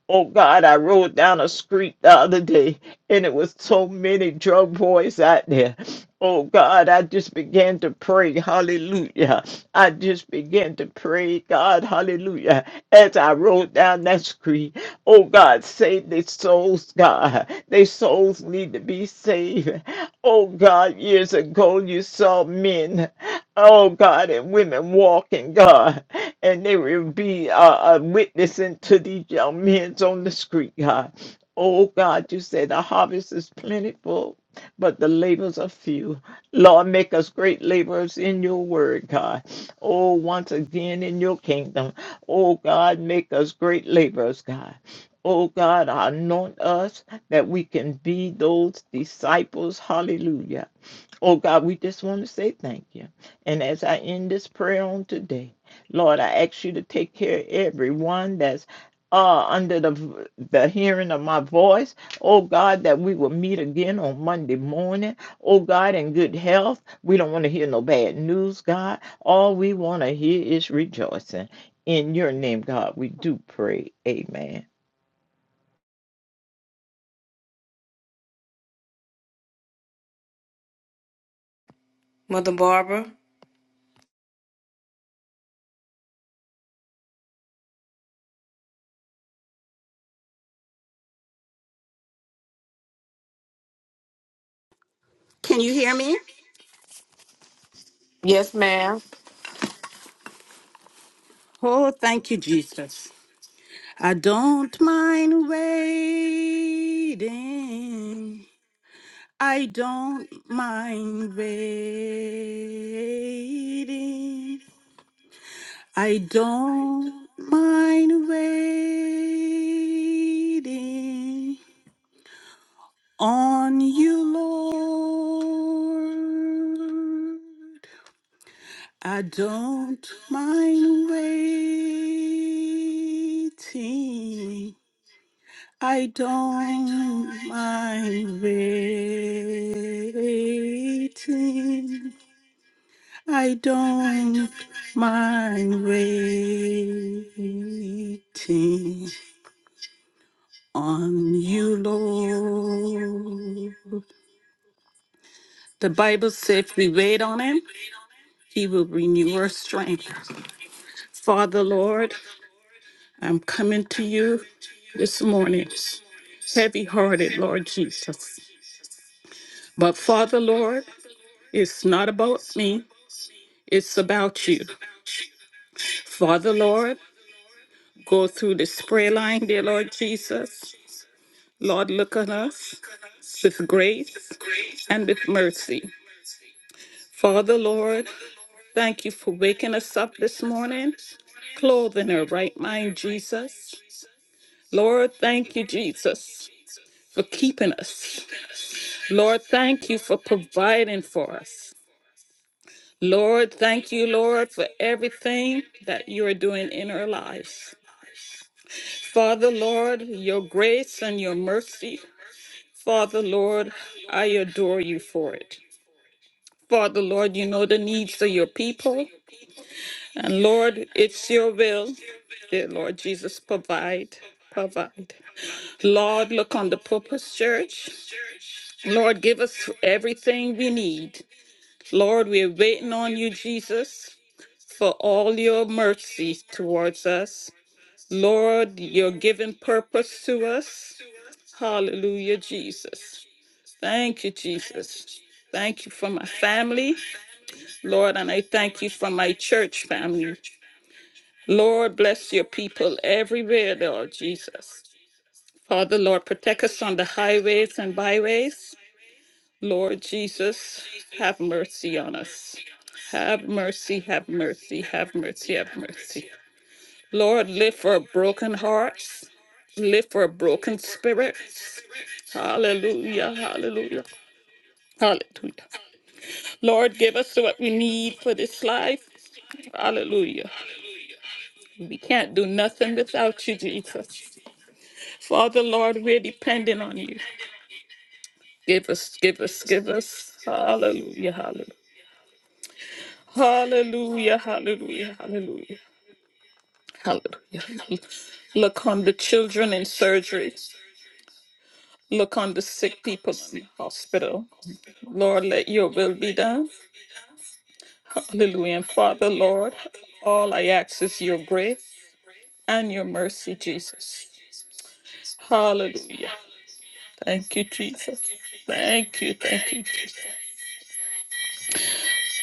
[SPEAKER 6] Oh God, I rode down a street the other day, and it was so many drug boys out there. Oh God, I just began to pray. Hallelujah. I just began to pray, God. Hallelujah. As I rode down that street, oh God, save their souls, God. Their souls need to be saved. Oh God, years ago you saw men, oh God, and women walking, God, and they will be uh, uh, witnessing to these young men on the street, God. Oh God, you said the harvest is plentiful but the labors are few. Lord, make us great laborers in your word, God. Oh, once again in your kingdom. Oh, God, make us great laborers, God. Oh, God, anoint us that we can be those disciples. Hallelujah. Oh, God, we just want to say thank you. And as I end this prayer on today, Lord, I ask you to take care of everyone that's uh, under the the hearing of my voice. Oh God, that we will meet again on Monday morning. Oh God, in good health. We don't want to hear no bad news, God. All we want to hear is rejoicing. In your name, God, we do pray. Amen.
[SPEAKER 2] Mother Barbara.
[SPEAKER 7] Can you hear me?
[SPEAKER 2] Yes, ma'am.
[SPEAKER 7] Oh, thank you, Jesus. I don't mind waiting. I don't mind waiting. I don't mind waiting on you, Lord. I don't mind waiting. I don't mind waiting. I don't mind waiting on you, Lord. The Bible said if we wait on him, he will renew our strength. Father, Lord, I'm coming to you this morning, heavy hearted, Lord Jesus. But Father, Lord, It's not about me, it's about you. Father, Lord, go through this prayer line, dear Lord Jesus. Lord, look on us with grace and with mercy. Father, Lord, thank you for waking us up this morning, clothing our right mind, Jesus. Lord, thank you, Jesus, for keeping us. Lord, thank you for providing for us. Lord, thank you, Lord, for everything that you are doing in our lives. Father, Lord, your grace and your mercy. Father, Lord, I adore you for it. Father, Lord, you know the needs of your people. And Lord, it's your will. Dear Lord Jesus, provide, provide. Lord, look on the purpose church. Lord, give us everything we need. Lord, we're waiting on you, Jesus. for all your mercies towards us. Lord, your given purpose to us. Hallelujah, Jesus. Thank you, Jesus. Thank you for my family, Lord, and I thank you for my church family. Lord, bless your people everywhere, Lord Jesus. Father, Lord, protect us on the highways and byways. Lord Jesus, have mercy on us. Have mercy, have mercy, have mercy, have mercy. Lord, lift up broken hearts, lift up broken spirits. Hallelujah, hallelujah, hallelujah. Lord, give us what we need for this life. Hallelujah. We can't do nothing without you, Jesus. Father, Lord, we're dependent on you. Give us, give us, give us. Hallelujah, hallelujah. Hallelujah, hallelujah, hallelujah, hallelujah. Look on the children in surgery. Look on the sick people in the hospital. Lord, let your will be done. Hallelujah. And Father, Lord, all I ask is your grace and your mercy, Jesus. Hallelujah. Thank you, Jesus. Thank you. Thank you, Jesus.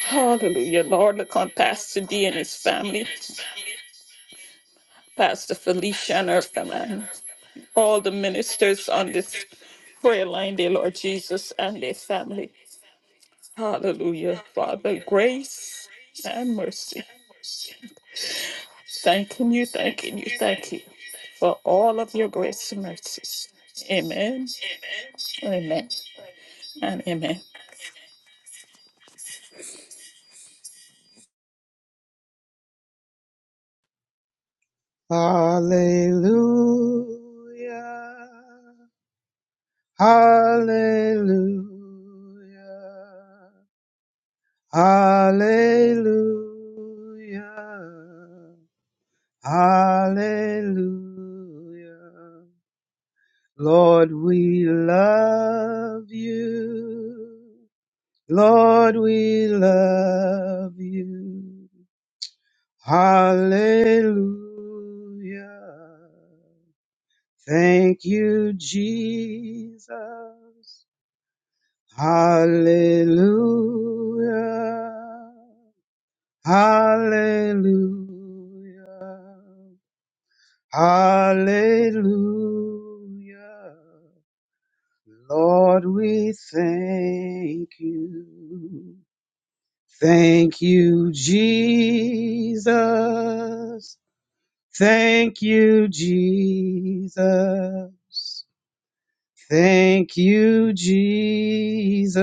[SPEAKER 7] Hallelujah. Lord, look on Pastor D and his family, Pastor Felicia and her family, all the ministers on this prayer line, dear Lord Jesus, and their family. Hallelujah. Father, grace and mercy. Thanking you, thanking you, thank you for all of your grace and mercies. Amen, amen, and amen.
[SPEAKER 8] Hallelujah. Hallelujah. Hallelujah. Hallelujah. Lord, we love you. Lord, we love you. Hallelujah. Thank you, Jesus. Hallelujah. Hallelujah. Hallelujah. Lord, we thank you. Thank you, Jesus. Thank you, Jesus. Thank you, Jesus.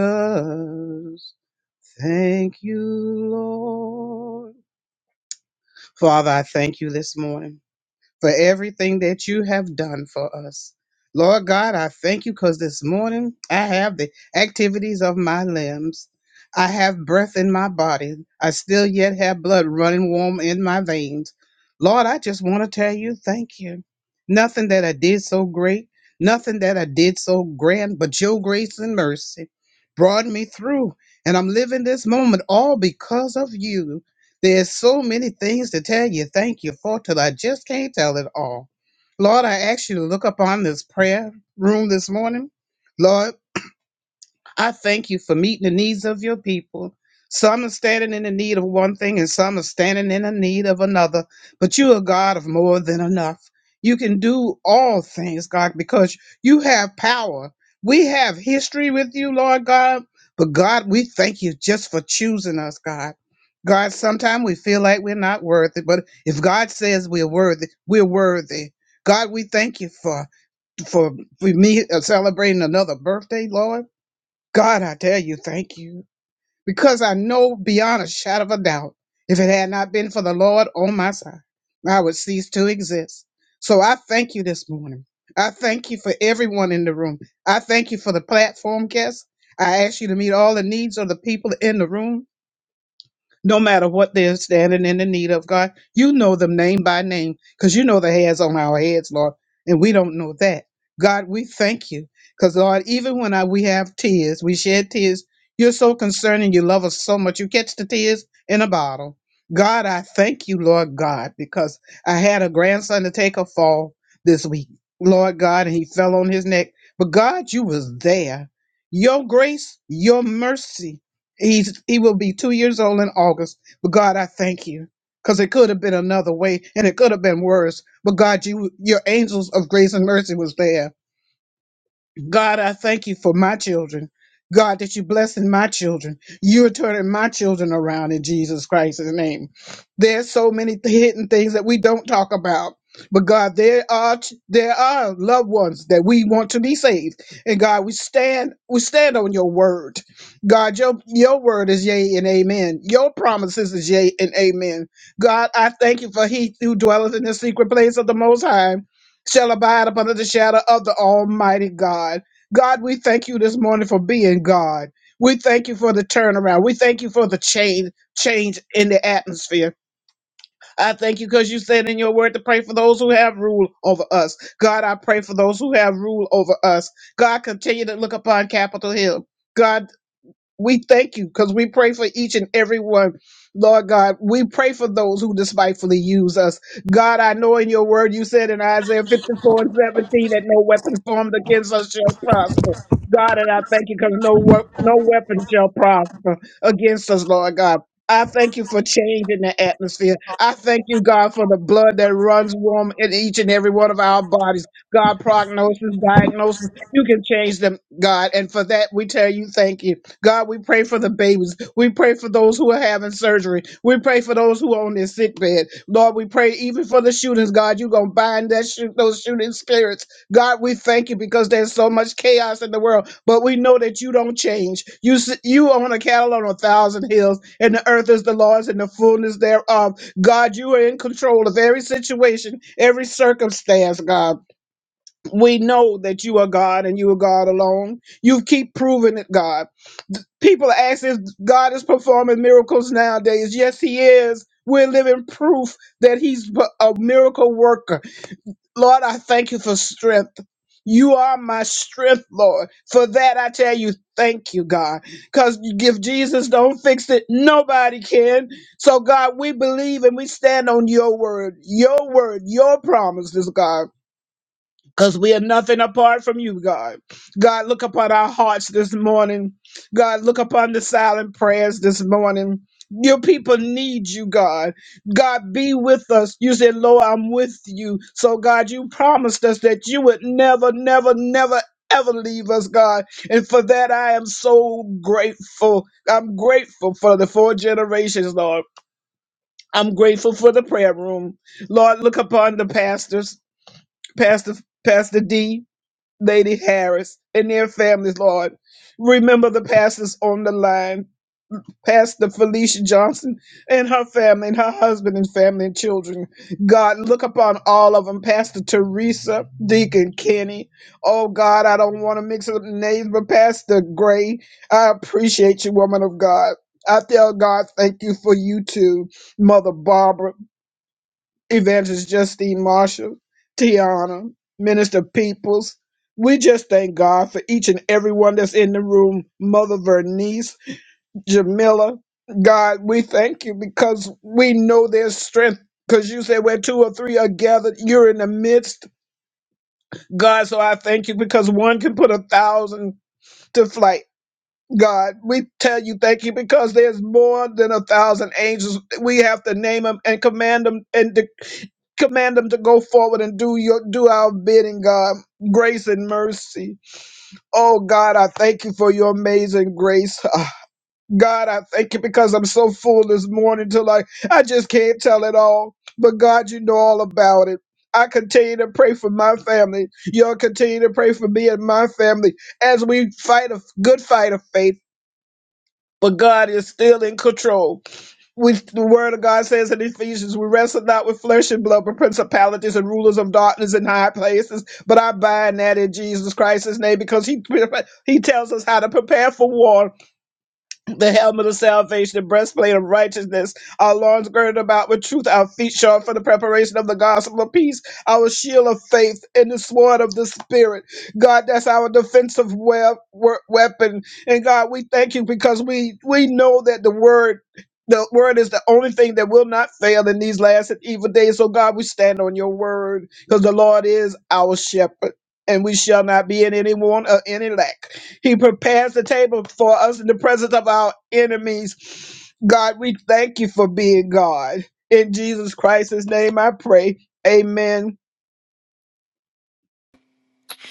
[SPEAKER 8] Thank you, Lord. Father, I thank you this morning for everything that you have done for us. Lord God, I thank you because this morning I have the activities of my limbs. I have breath in my body. I still yet have blood running warm in my veins. Lord, I just want to tell you thank you. Nothing that I did so great, nothing that I did so grand, but your grace and mercy brought me through. And I'm living this moment all because of you. There's so many things to tell you thank you for till I just can't tell it all. Lord, I ask you to look upon this prayer room this morning. Lord, I thank you for meeting the needs of your people. Some are standing in the need of one thing and some are standing in the need of another, but you are God of more than enough. You can do all things, God, because you have power. We have history with you, Lord God, but God, we thank you just for choosing us, God. God, sometimes we feel like we're not worthy, but if God says we're worthy, we're worthy. God, we thank you for for, for me uh, celebrating another birthday, Lord. God, I tell you, thank you. Because I know beyond a shadow of a doubt, if it had not been for the Lord on my side, I would cease to exist. So I thank you this morning. I thank you for everyone in the room. I thank you for the platform guests. I ask you to meet all the needs of the people in the room no matter what they're standing in the need of, God. You know them name by name because you know the hairs on our heads, Lord, and we don't know that. God, we thank you because, Lord, even when I, we have tears, we shed tears, you're so concerned and you love us so much. You catch the tears in a bottle. God, I thank you, Lord God, because I had a grandson to take a fall this week, Lord God, and he fell on his neck. But God, you was there. Your grace, your mercy, He's he will be two years old in August. But God, I thank you. Because it could have been another way and it could have been worse. But God, you your angels of grace and mercy was there God, I thank you for my children. God, that you're blessing my children. You're turning my children around in Jesus Christ's name. There's so many th- hidden things that we don't talk about. But God, there are ch- there are loved ones that we want to be saved. And God, we stand we stand on your word. God, your your word is yea and amen. Your promises is yea and amen. God, I thank you for he who dwelleth in the secret place of the most high shall abide up under the shadow of the Almighty God. God, we thank you this morning for being God. We thank you for the turnaround. We thank you for the change, change in the atmosphere. I thank you because you said in your word to pray for those who have rule over us. God, I pray for those who have rule over us. God, continue to look upon Capitol Hill. God, we thank you because we pray for each and every one. Lord God, we pray for those who despitefully use us. God, I know in your word you said in Isaiah 54 and 17 that no weapon formed against us shall prosper. God, and I thank you because no, wep- no weapon shall prosper against us, Lord God. I thank you for changing the atmosphere. I thank you, God, for the blood that runs warm in each and every one of our bodies. God, prognosis, diagnosis, you can change them, God. And for that, we tell you thank you. God, we pray for the babies. We pray for those who are having surgery. We pray for those who are on their sick bed. Lord, we pray even for the shootings. God, you're going to bind that shoot, those shooting spirits. God, we thank you because there's so much chaos in the world, but we know that you don't change. You s- you own a cattle on a thousand hills, and the earth is the Lord's and the fullness thereof. God, you are in control of every situation, every circumstance, God. We know that you are God and you are God alone. You keep proving it, God. People are asking if God is performing miracles nowadays. Yes, He is. We're living proof that He's a miracle worker. Lord, I thank you for strength. You are my strength, Lord. For that, I tell you, thank you, God. Because if Jesus don't fix it, nobody can. So, God, we believe and we stand on your word, your word, your promises, God. Because we are nothing apart from you, God. God, look upon our hearts this morning. God, look upon the silent prayers this morning. Your people need you, God. God, be with us. You said, Lord, I'm with you. So, God, you promised us that you would never, never, never, ever leave us, God. And for that, I am so grateful. I'm grateful for the four generations, Lord. I'm grateful for the prayer room. Lord, look upon the pastors, Pastor, Pastor D. Lady Harris and their families, Lord. Remember the pastors on the line, Pastor Felicia Johnson and her family, and her husband and family and children. God, look upon all of them, Pastor Teresa, Deacon Kenny. Oh, God, I don't want to mix up names, but Pastor Gray, I appreciate you, woman of God. I tell God, thank you for you too, Mother Barbara. Evangelist Justine Marshall, Tiana, Minister Peoples. We just thank God for each and everyone that's in the room, Mother Vernice, Jamila. God, we thank you because we know there's strength. Because you said where two or three are gathered, you're in the midst. God, so I thank you because one can put a thousand to flight God, we tell you thank you because there's more than a thousand angels. We have to name them and command them and de- command them to go forward and do your do our bidding, God. Grace and mercy. Oh God, I thank you for your amazing grace. Ah, God, I thank you because I'm so full this morning till I I just can't tell it all. But God, you know all about it. I continue to pray for my family. Y'all continue to pray for me and my family as we fight a good fight of faith but God is still in control. We, the word of God says in Ephesians, we wrestle not with flesh and blood, but principalities and rulers of darkness in high places. But I bind that in Jesus Christ's name because he, he tells us how to prepare for war the helmet of salvation, the breastplate of righteousness, our loins girded about with truth, our feet shod for the preparation of the gospel of peace, our shield of faith, and the sword of the spirit. God, that's our defensive web, we- weapon. And God, we thank you because we we know that the word. The word is the only thing that will not fail in these last and evil days. So, God, we stand on your word because the Lord is our shepherd and we shall not be in any want or any lack. He prepares the table for us in the presence of our enemies. God, we thank you for being God. In Jesus Christ's name I pray. Amen.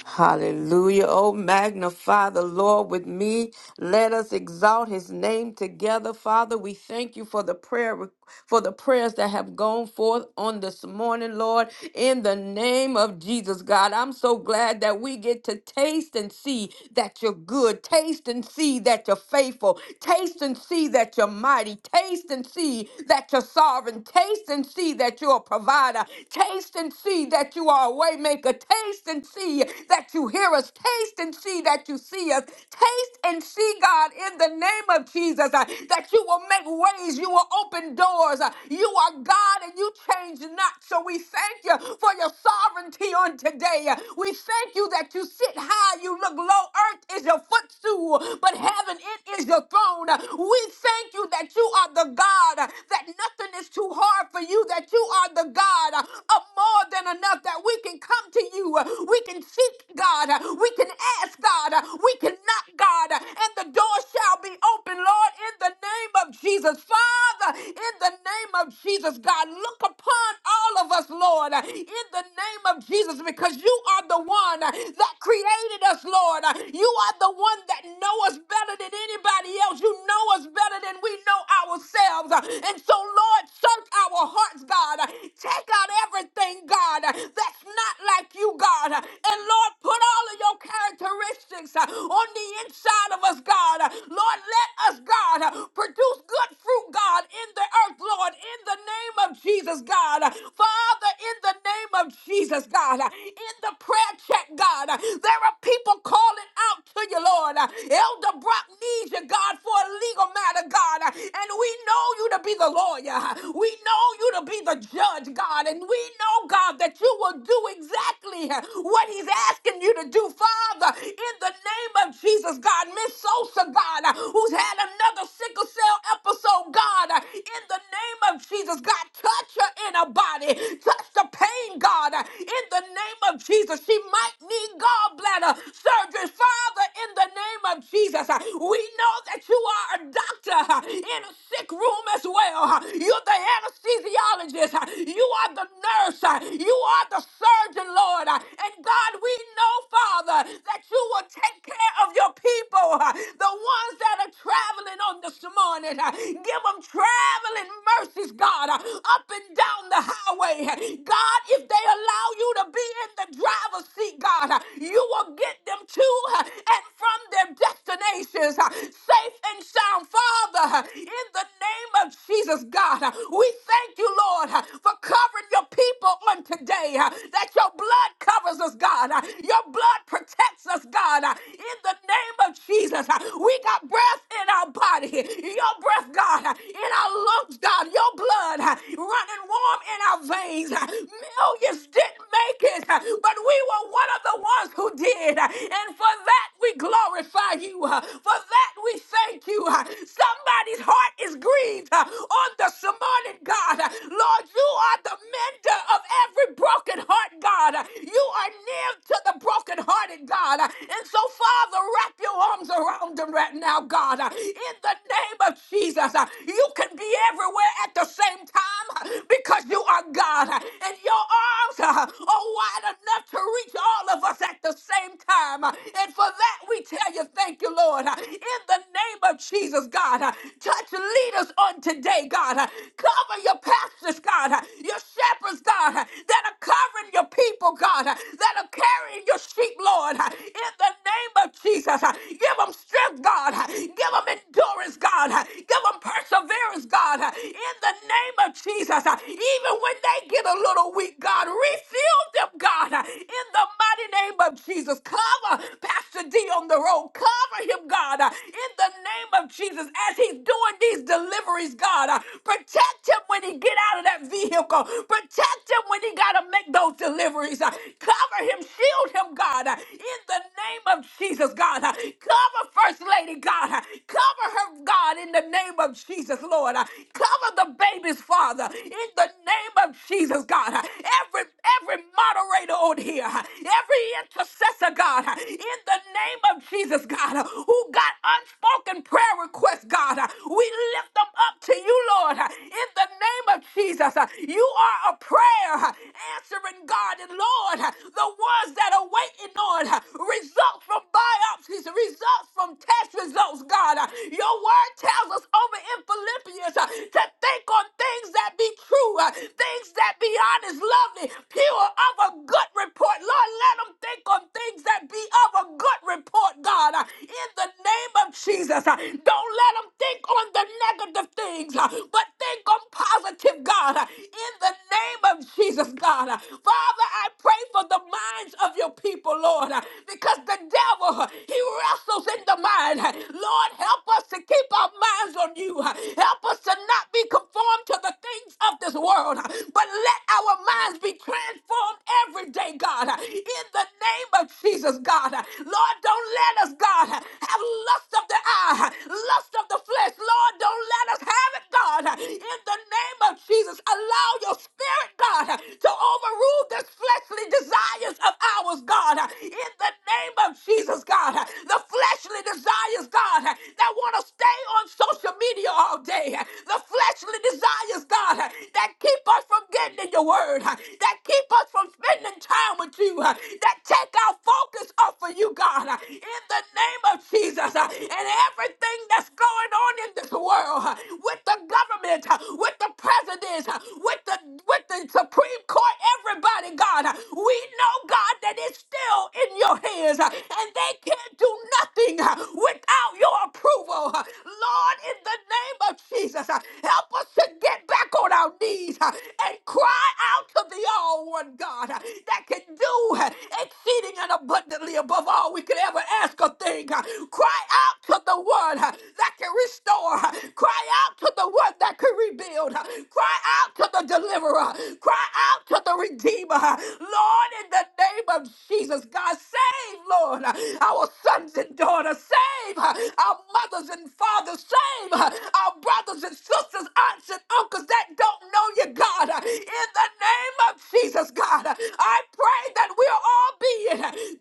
[SPEAKER 2] Hallelujah. Oh, magnify the Lord with me. Let us exalt his name together. Father, we thank you for the prayer for the prayers that have gone forth on this morning, Lord, in the name of Jesus, God. I'm so glad that we get to taste and see that you're good. Taste and see that you're faithful. Taste and see that you're mighty. Taste and see that you're sovereign. Taste and see that you're a provider. Taste and see that you are a waymaker. Taste and see that you hear us. Taste and see that you see us. Taste and see, God, in the name of Jesus, uh, that you will make ways, you will open doors. uh, You are God and you change not. So we thank you for your sovereignty on today. Uh, We thank you that you sit high, you look low. Earth is your footstool, but heaven, it is your throne. Uh, We thank you that you are the God, uh, that nothing is too hard for you, that you are the God uh, of more than enough, that we can come to you. Uh, We can seek, God. We can ask, God. We can knock, God. And the door shall be open, Lord, in the name of Jesus. Father, in the name of Jesus, God, look upon all of us, Lord, in the name of Jesus, because you are the one that created us, Lord. You are the one that know us better than anybody else. You know us better than we know ourselves. And so, Lord, search our hearts, God. Take out everything, God, that's not like you, God, and Lord, put all of your characteristics uh, on the inside of us, God. Uh, Lord, let us, God, uh, produce good fruit, God, in the earth, Lord, in the name of Jesus, God. Uh, Father, in the name of Jesus, God, uh, in the prayer check, God, uh, there are people calling out to you, Lord. Uh, Elder Brock needs you, God, for a legal matter, God. Uh, And we know you to be the lawyer. We know you to be the judge, God. And we know, God, that you will do exactly what He he's asking you to do, Father, in the name of Jesus, God. Miss Sosa, God, uh, who's had another sickle cell episode, God, uh, in the name of Jesus, God, touch her in her body, touch the pain, God, uh, in the name of Jesus. She might need gallbladder surgery, Father, in the name of Jesus. uh, We know that you are a doctor uh, in a sick room as well. uh, You're the anesthesiologist, uh, you are the nurse, uh, you are the surgeon, Lord, uh, and God. God, we know, Father, that you will take care of your people, uh, the ones that are traveling on this morning. uh, Give them traveling mercies, God, uh, up and down the highway. uh, God, if they allow you to be in the driver's seat, God, uh, you will get them to uh, and from their destinations uh, safe and sound. Father, uh, in the name of Jesus, God, uh, we thank you, Lord, uh, for covering your people on today, uh, that your blood covers us, God. Uh, Your blood protects us, God. Uh, In the name of Jesus, uh, we got breath in our body. Your breath, God, uh, in our lungs, God. Your blood uh, running warm in our veins. Uh, Millions didn't make it, uh, but we were one of the ones who did. Uh, And for that, we glorify you. Uh, For that, we thank you. Uh, Somebody's heart is grieved uh, on this morning, God. Uh, Lord, you are the mender of every broken heart, God. Uh, You are near to the brokenhearted, God. And so, Father, wrap your arms around them right now, God. In the name of Jesus, you can be everywhere at the same time because you are God. And your arms are wide enough to reach all of us at the same time. And for that, we tell you thank you, Lord. In the name of Jesus, God, touch leaders on today, God. Cover your pastors, God, your shepherds, God, that are covering your people, God that are carrying your sheep, Lord. In the name of Jesus, give them strength, God. Give them endurance, God. Give them perseverance, God. In the name of Jesus, even when they get a little weak, God, refill them, God. In the mighty name of Jesus, cover Pastor D on the road. Cover him, God. In the name of Jesus, as he's doing these these deliveries, God. Uh, Protect him when he get out of that vehicle. Protect him when he got to make those deliveries. Uh, Cover him, shield him, God, uh, in the name of Jesus, God. Uh, Cover First Lady, God. Uh, Cover her, God, in the name of Jesus, Lord. Uh, Cover the baby's father in the name of Jesus, God. Uh, Every every moderator on here, uh, every intercessor, God, uh, in the name of Jesus, God, uh, who got unspoken prayer prayer requests, God, uh, we lift them up to you, Lord, uh, in the name of Jesus. uh, You are a prayer uh, answering God, and Lord, uh, the ones that are waiting on uh, results from biopsies, results from test results, God. uh, Your word tells us over in Philippians uh, to think on things that be true, uh, things that be honest, lovely, pure, of a good report. Lord, let them think on things that be of a good report, God. Uh, in the name of Jesus. Uh, Don't let them think on the negative things, uh, but think on positive, God, uh, in the name of Jesus, God. Uh, Father, I pray for the minds of your people, Lord, uh, because the devil, uh, he wrestles in the mind. Uh, Lord, help us to keep our minds on you. Uh, Help us to not be conformed to the things of this world, uh, but let our minds be transformed every day, God, uh, in the name of Jesus, God. Lord, don't let us, God, have lust of the eye, lust of the flesh. Lord, don't let us have it, God. In the name of Jesus, allow your spirit, God, to overrule this fleshly desires of ours, God. In the name of Jesus, God, the fleshly desires, God, that want to stay on social media all day, the fleshly desires, God, that keep us from getting in your word, that keep us from spending time with you, that that take our focus off of you, God, uh, in the name of Jesus. uh, And everything that's going on in this world uh, with the government, uh, with the presidents, uh, with the with the Supreme Court, everybody, God, uh, we know, God, that it's still in your hands, uh, and they can't do nothing uh, without your approval. uh, Lord, in the name of Jesus, uh, help us to get back on our knees uh, and cry out to the all one God. God uh, that can do uh, exceeding and abundantly above all we could ever ask or think. uh, Cry out to the one uh, that can restore. uh, Cry out to the one that can rebuild. uh, Cry out to the deliverer. uh, Cry out to the redeemer. uh, Lord, in the name of Jesus, God, save, Lord, uh, our sons and daughters. Save uh, our mothers and fathers. Save uh, our brothers and sisters, aunts and uncles that don't know you, God. uh, In the the name of Jesus, God, I pray that we'll all be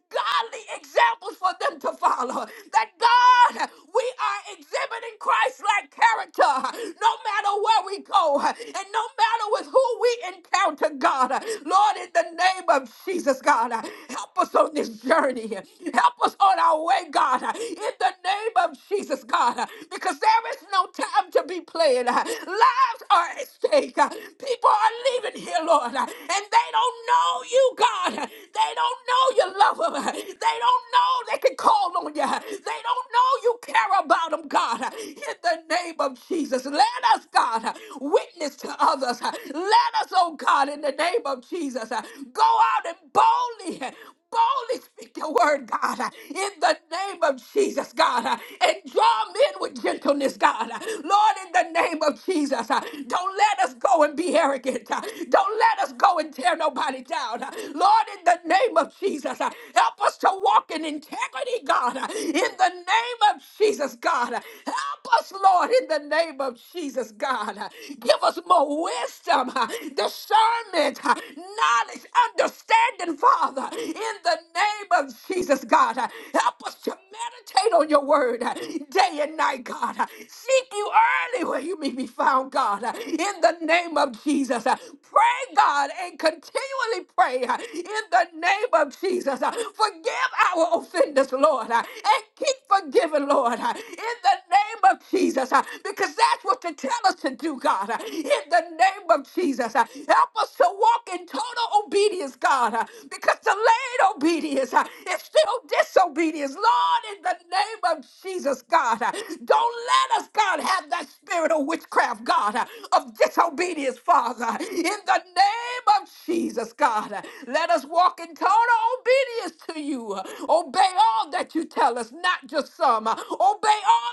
[SPEAKER 2] godly examples for them to follow. That God, we are exhibiting Christ like character no matter where we go and no matter with who we encounter, God. Lord, in the name of Jesus, God, help us on this journey. Help us on our way, God, in the name of Jesus, God, because there is no time to be playing. Lives are at stake plague. Uh, People are leaving here, Lord, uh, and they don't know you, God. Uh, They don't know you love them. Uh, They don't know they can call on you. Uh, They don't know you care about them, God. Uh, In the name of Jesus, let us, God, uh, witness to others. Uh, Let us, oh God, in the name of Jesus, uh, go out and boldly boldly speak your word, God, uh, in the name of Jesus, God, uh, and draw men with gentleness, God. uh, Lord, in the name of Jesus, uh, don't let us go and be arrogant. uh, Don't let us go and tear nobody down. uh, Lord, in the name of Jesus, uh, help us to walk in integrity, God, uh, in the name of Jesus, God. uh, Help us, Lord, in the name of Jesus, God. uh, Give us more wisdom, uh, discernment, uh, knowledge, understanding, Father, uh, in the name of Jesus, God. Uh, Help us to meditate on your word uh, day and night, God. Uh, Seek you early where you may be found, God. Uh, In the name of Jesus, Uh, pray, God, and continually pray uh, in the name of Jesus. Uh, Forgive our offenders, Lord, uh, and keep forgiving, Lord, uh, in the name of Jesus, uh, because that's what you tell us to do, God. uh, In the name of Jesus, Uh, help us to walk in total obedience, God, uh, because delayed obedience uh, is still disobedience. Lord, in the name of Jesus, God, uh, don't let us, God, have that spirit of witchcraft, God, uh, of disobedience, Father. In the name of Jesus, God, uh, let us walk in total obedience to you. uh, Obey all that you tell us, not just some. uh, Obey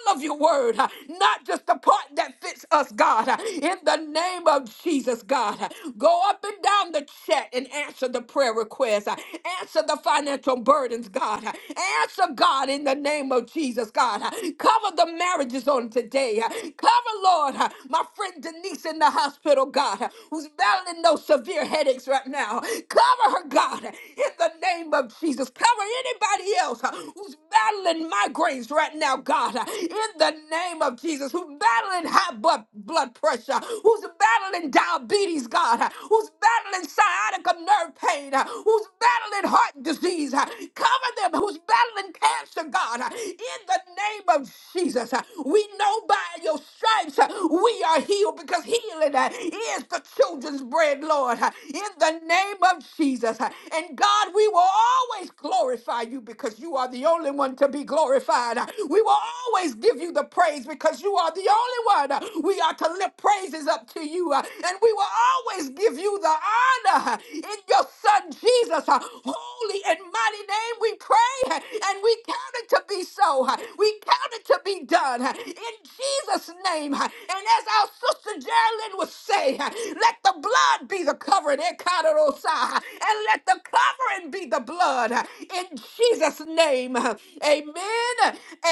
[SPEAKER 2] all of your word, uh, not just the part that fits us, God. uh, In the name of Jesus, God, uh, go up and down the chat and answer the prayer prayer requests. Uh, Answer the financial burdens, God. Uh, Answer, God, in the name of Jesus, God. Uh, Cover the marriages on today. Uh, Cover, Lord, uh, my friend Denise in the hospital, God, uh, who's battling those severe headaches right now. Cover her, God, uh, in the name of Jesus. Cover anybody else uh, who's battling migraines right now, God, uh, in the name of Jesus, who's battling high blood, blood pressure, who's battling diabetes, God, uh, who's battling sciatica nerve pain, uh, who's battling heart disease. uh, Cover them who's battling cancer, God, uh, in the name of Jesus. uh, We know by your stripes uh, we are healed because healing uh, is the children's bread, Lord, uh, in the name of Jesus. uh, And God, we will always glorify you because you are the only one to be glorified. uh, We will always give you the praise because you are the only one. uh, We are to lift praises up to you, uh, and we will always give you the honor uh, in your son Jesus. uh, Holy and mighty name we pray uh, and we count it to be so. uh, We count it to be done uh, in Jesus' name. uh, And as our sister Geraldine would say, uh, let the blood be the covering. Ekaterosai, uh, And let the covering be the blood uh, in Jesus' name. uh, Amen.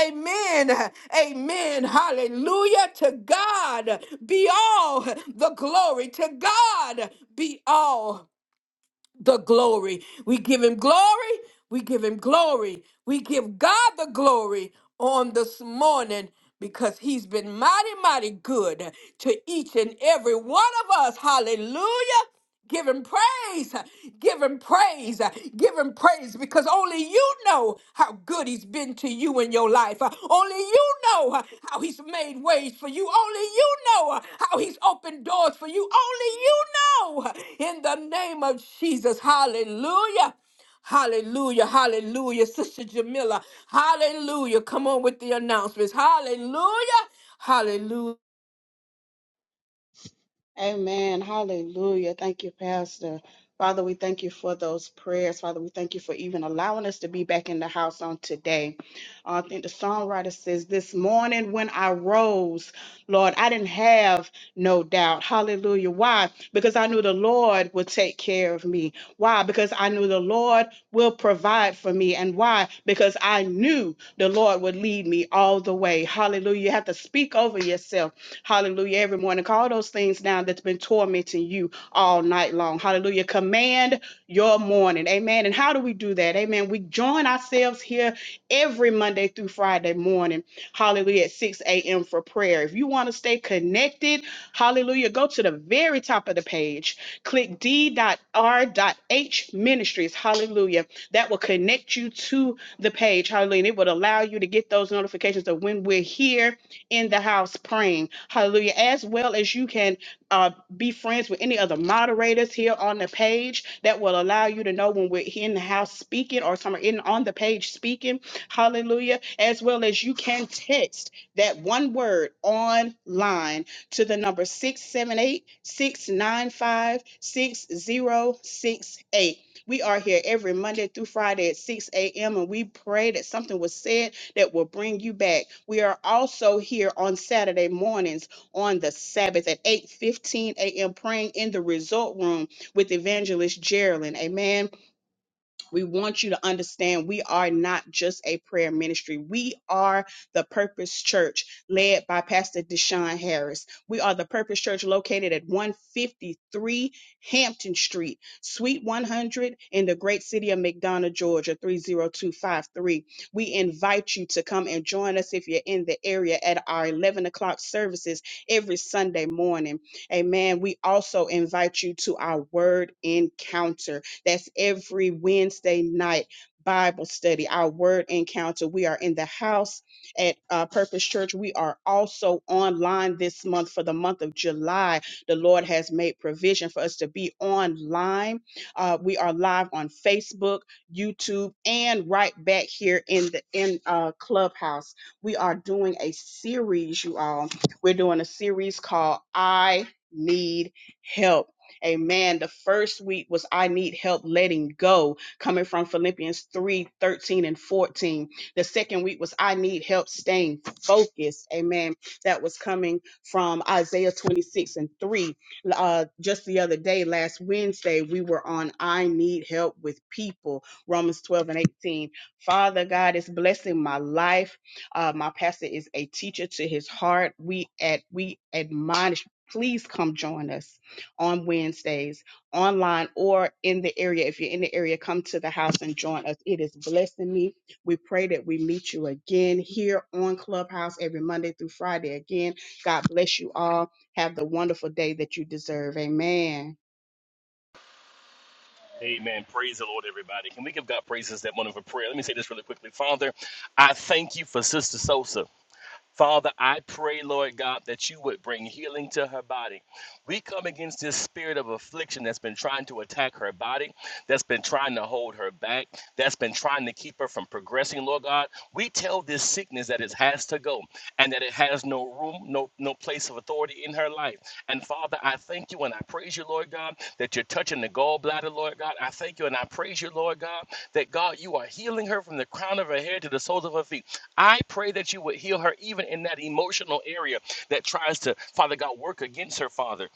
[SPEAKER 2] Amen. Amen. Hallelujah. To God be all the glory. To God be all the glory. We give him glory. We give him glory. We give God the glory on this morning because he's been mighty, mighty good to each and every one of us. Hallelujah. Give him praise, give him praise, give him praise because only you know how good he's been he's been to you in your life. Uh, Only you know uh, how he's made ways for you. Only you know uh, how he's opened doors for you. Only you know. uh, In the name of Jesus. Hallelujah. Hallelujah, hallelujah, Sister Jamila. Hallelujah. Come on with the announcements. Hallelujah, hallelujah.
[SPEAKER 9] Amen. Hallelujah. Thank you, Pastor. Father, we thank you for those prayers. Father, we thank you for even allowing us to be back in the house on today. Uh, I think the songwriter says, This morning when I rose, Lord, I didn't have no doubt. Hallelujah. Why? Because I knew the Lord would take care of me. Why? Because I knew the Lord will provide for me. And why? Because I knew the Lord would lead me all the way. Hallelujah. You have to speak over yourself Hallelujah. Every morning, call those things down that's been tormenting you all night long. Hallelujah. Command your morning. Amen. And how do we do that? Amen. We join ourselves here every Monday through Friday morning. Hallelujah. At 6 a.m. for prayer. If you want to stay connected, hallelujah, go to the very top of the page. Click d.r.h ministries. Hallelujah. That will connect you to the page. Hallelujah. And it would allow you to get those notifications of when we're here in the house praying. Hallelujah. As well as you can uh, be friends with any other moderators here on the page that will allow you to know when we're in the house speaking or somewhere in on the page speaking. Hallelujah. As well as you can text that one word online to the number 678 695 6068. We are here every Monday through Friday at 6 a.m. and we pray that something was said that will bring you back. We are also here on Saturday mornings on the Sabbath at 8:15 a.m. praying in the resort room with evangelist Geraldine. Amen we want you to understand we are not just a prayer ministry. We are the Purpose Church led by Pastor Deshaun Harris. We are the Purpose Church located at 153 Hampton Street, Suite 100 in the great city of McDonough, Georgia, 30253. We invite you to come and join us if you're in the area at our 11 o'clock services every Sunday morning. Amen. We also invite you to our word encounter that's every Wednesday night Bible study, our word encounter. We are in the house at uh, Purpose Church. We are also online this month for the month of July. The Lord has made provision for us to be online. Uh, we are live on Facebook, YouTube, and right back here in the in uh, Clubhouse. We are doing a series, you all. We're doing a series called I Need Help Amen. The first week was I need help letting go, coming from Philippians 3 13 and 14. The second week was I need help staying focused. Amen. That was coming from Isaiah 26 and 3. Uh, just the other day, last Wednesday, we were on I need help with people, Romans 12 and 18. Father God is blessing my life. Uh, my pastor is a teacher to his heart. We at we admonish. Please come join us on Wednesdays online or in the area. If you're in the area, come to the house and join us. It is blessing me. We pray that we meet you again here on Clubhouse every Monday through Friday. Again, God bless you all. Have the wonderful day that you deserve. Amen.
[SPEAKER 4] Amen. Praise the Lord, everybody. Can we give God praises that morning for prayer? Let me say this really quickly. Father, I thank you for Sister Sosa. Father, I pray, Lord God, that you would bring healing to her body. We come against this spirit of affliction that's been trying to attack her body, that's been trying to hold her back, that's been trying to keep her from progressing, Lord God. We tell this sickness that it has to go and that it has no room, no, no place of authority in her life. And Father, I thank you and I praise you, Lord God, that you're touching the gallbladder, Lord God. I thank you and I praise you, Lord God, that God, you are healing her from the crown of her head to the soles of her feet. I pray that you would heal her even in that emotional area that tries to, Father God, work against her, Father.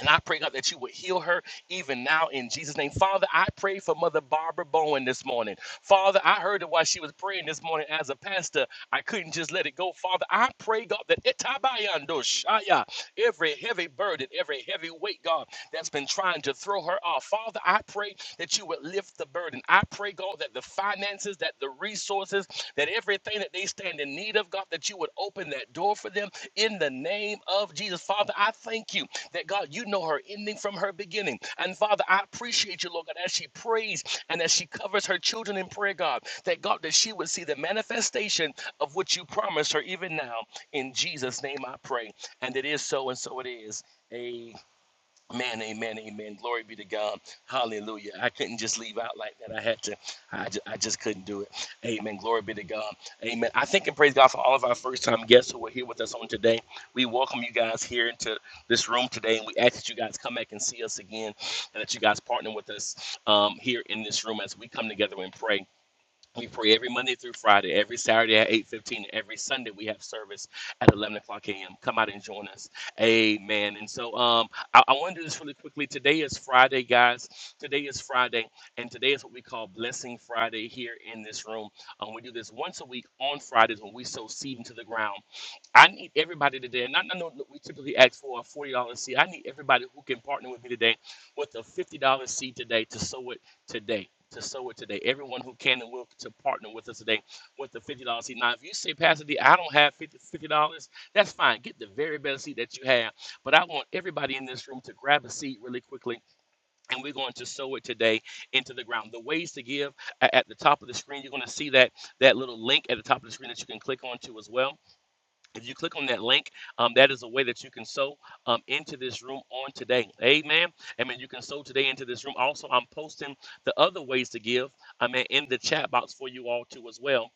[SPEAKER 4] And I pray, God, that you would heal her even now in Jesus' name. Father, I pray for Mother Barbara Bowen this morning. Father, I heard that while she was praying this morning as a pastor, I couldn't just let it go. Father, I pray, God, that itabayando shaya, every heavy burden, every heavy weight, God, that's been trying to throw her off. Father, I pray that you would lift the the burden. I pray, God, that the finances, that the resources, that everything that they stand in need of, God, that you would open that door for them in the name of Jesus. Father, I thank you that, God, you know her ending from her beginning. And Father, I appreciate you, Lord God, as she prays and as she covers her children in prayer, God, that, God, that she would see the manifestation of what you promised her even now. In Jesus' name I pray. And it is so, and so it is. Man, amen, amen. Glory be to God. Hallelujah. I couldn't just leave out like that. I had to. I just, I just couldn't do it. Amen. Glory be to God. Amen. I thank and praise God for all of our first time guests who are here with us on today. We welcome you guys here into this room today, and we ask that you guys come back and see us again, and that you guys partner with us um, here in this room as we come together and pray. We pray every Monday through Friday, every Saturday at 8.15, and every Sunday we have service at 11 o'clock a.m. Come out and join us. Amen. And so um, I, I want to do this really quickly. Today is Friday, guys. Today is Friday, and today is what we call Blessing Friday here in this room. Um, we do this once a week on Fridays when we sow seed into the ground I need everybody today, and I I know that we typically ask for a $40 seed. I need everybody who can partner with me today with a $50 seed today to sow it today. To sow it today. Everyone who can and will to partner with us today with the $50 seed. Now, if you say, Pastor D, I don't have 50 dollars that's fine. Get the very best seed that you have. But I want everybody in this room to grab a seed really quickly, and we're going to sow it today into the ground. The ways to give a- at the top of the screen, you're going to see that, that little link at the top of the screen that you can click onto as well if you click on that link, um, that is a way that you can sow um, into this room on today. Amen. Amen. You can sow today into this room. Also, I'm posting the other ways to give. I mean, in the chat box for you all too as well.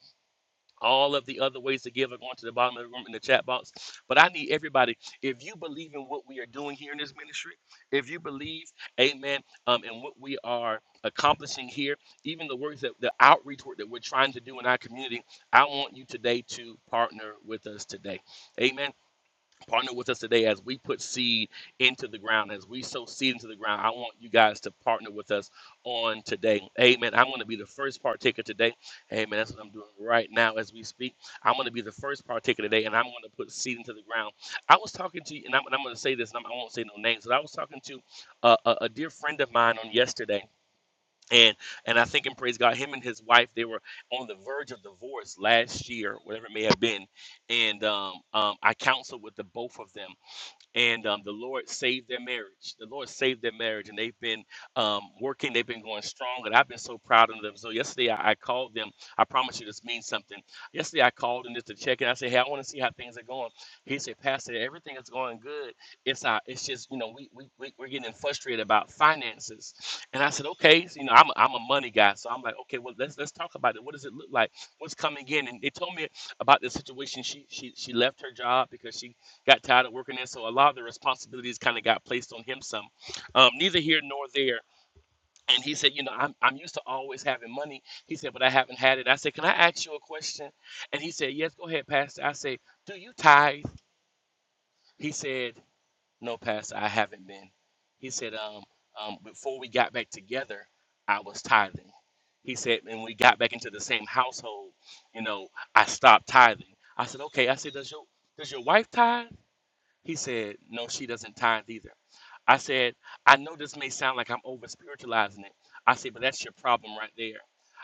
[SPEAKER 4] All of the other ways to give are going to the bottom of the room in the chat box. But I need everybody, if you believe in what we are doing here in this ministry, if you believe, amen, um, in what we are accomplishing here, even the works that the outreach work that we're trying to do in our community, I want you today to partner with us today. Amen partner with us today as we put seed into the ground, as we sow seed into the ground. I want you guys to partner with us on today. Amen. I'm going to be the first partaker today. Amen. That's what I'm doing right now as we speak. I'm going to be the first partaker today, and I'm going to put seed into the ground. I was talking to you, and I'm, and I'm going to say this, and I'm, I won't say no names, but I was talking to a, a, a dear friend of mine on yesterday and and I think and praise God, him and his wife they were on the verge of divorce last year, whatever it may have been, and um, um, I counseled with the both of them and um, the Lord saved their marriage. The Lord saved their marriage, and they've been um, working. They've been going strong, and I've been so proud of them. So yesterday I, I called them. I promise you this means something. Yesterday I called them just to check in. I said, "Hey, I want to see how things are going." He said, "Pastor, everything is going good. It's not. It's just you know we we we we're getting frustrated about finances." And I said, "Okay, so, you know I'm a, I'm a money guy, so I'm like, okay, well let's let's talk about it. What does it look like? What's coming in?" And they told me about the situation. She she she left her job because she got tired of working in. So a lot of the responsibilities kind of got placed on him some. Um, neither here nor there. And he said, you know, I'm, I'm used to always having money. He said, but I haven't had it. I said, can I ask you a question? And he said, yes, go ahead, Pastor. I said, do you tithe? He said, no, Pastor, I haven't been. He said, um, um, before we got back together, I was tithing. He said, and we got back into the same household, you know, I stopped tithing. I said, okay. I said, does your, does your wife tithe? He said, No, she doesn't tithe either. I said, I know this may sound like I'm over spiritualizing it. I said, but that's your problem right there.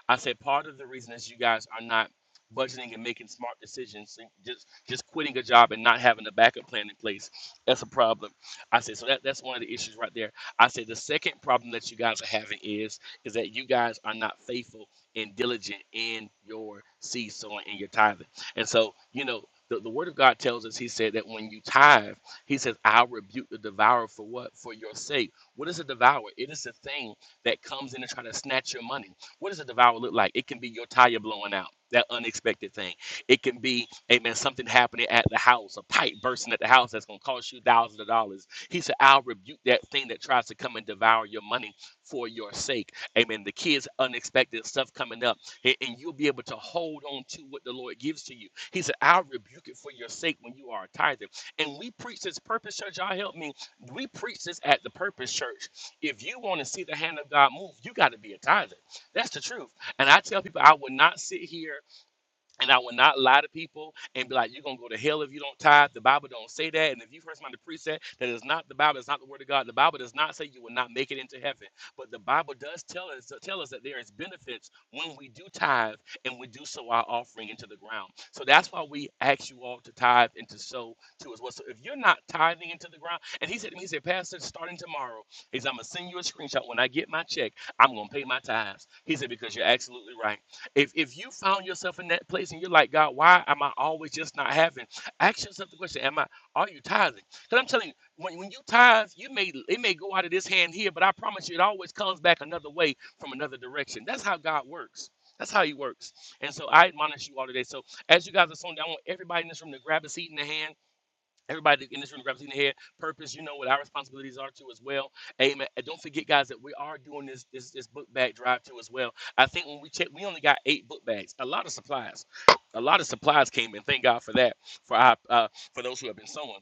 [SPEAKER 4] I said, part of the reason is you guys are not budgeting and making smart decisions. and Just just quitting a job and not having a backup plan in place. That's a problem. I said, so that, that's one of the issues right there. I said the second problem that you guys are having is is that you guys are not faithful and diligent in your seed sowing and your tithing. And so, you know, the, the word of God tells us, he said, that when you tithe, he says, I'll rebuke the devourer for what? For your sake. What is a devourer? It is a thing that comes in and try to snatch your money. What does a devourer look like? It can be your tire blowing out, that unexpected thing. It can be, amen, something happening at the house, a pipe bursting at the house that's going to cost you thousands of dollars. He said, I'll rebuke that thing that tries to come and devour your money for your sake. Amen. The kids, unexpected stuff coming up, a- and you'll be able to hold on to what the Lord gives to you he said, I'll rebuke it for your sake when you are a tither. And we preach this purpose, church. Y'all help me. We preach this at the purpose church. If you want to see the hand of God move, you got to be a tither. That's the truth. And I tell people, I would not sit here and I will not lie to people and be like, you're going to go to hell if you don't tithe. The Bible don't say that. And if you've heard somebody preach that, that is not the Bible. It's not the word of God. The Bible does not say you will not make it into heaven. But the Bible does tell us, tell us that there is benefits when we do tithe and we do sow our offering into the ground. So that's why we ask you all to tithe and to sow too as well. So if you're not tithing into the ground, and he said to me, he said, Pastor, starting tomorrow, is I'm going to send you a screenshot. When I get my check, I'm going to pay my tithes. He said, because you're absolutely right. If if you found yourself in that place and you're like, God, why am I always just not having? Ask yourself the question: Am I? Are you tithing? Because I'm telling you, when when you tithe, you may it may go out of this hand here, but I promise you, it always comes back another way from another direction. That's how God works. That's how He works. And so I admonish you all today. So as you guys are sitting down, I want everybody in this room to grab a seat in the hand Everybody in this room, grab a seat in here. Purpose, you know what our responsibilities are too as well. Amen. And don't forget, guys, that we are doing this this this book bag drive too as well. I think when we check, we only got eight book bags. A lot of supplies, a lot of supplies came in. Thank God for that. For our uh, for those who have been sowing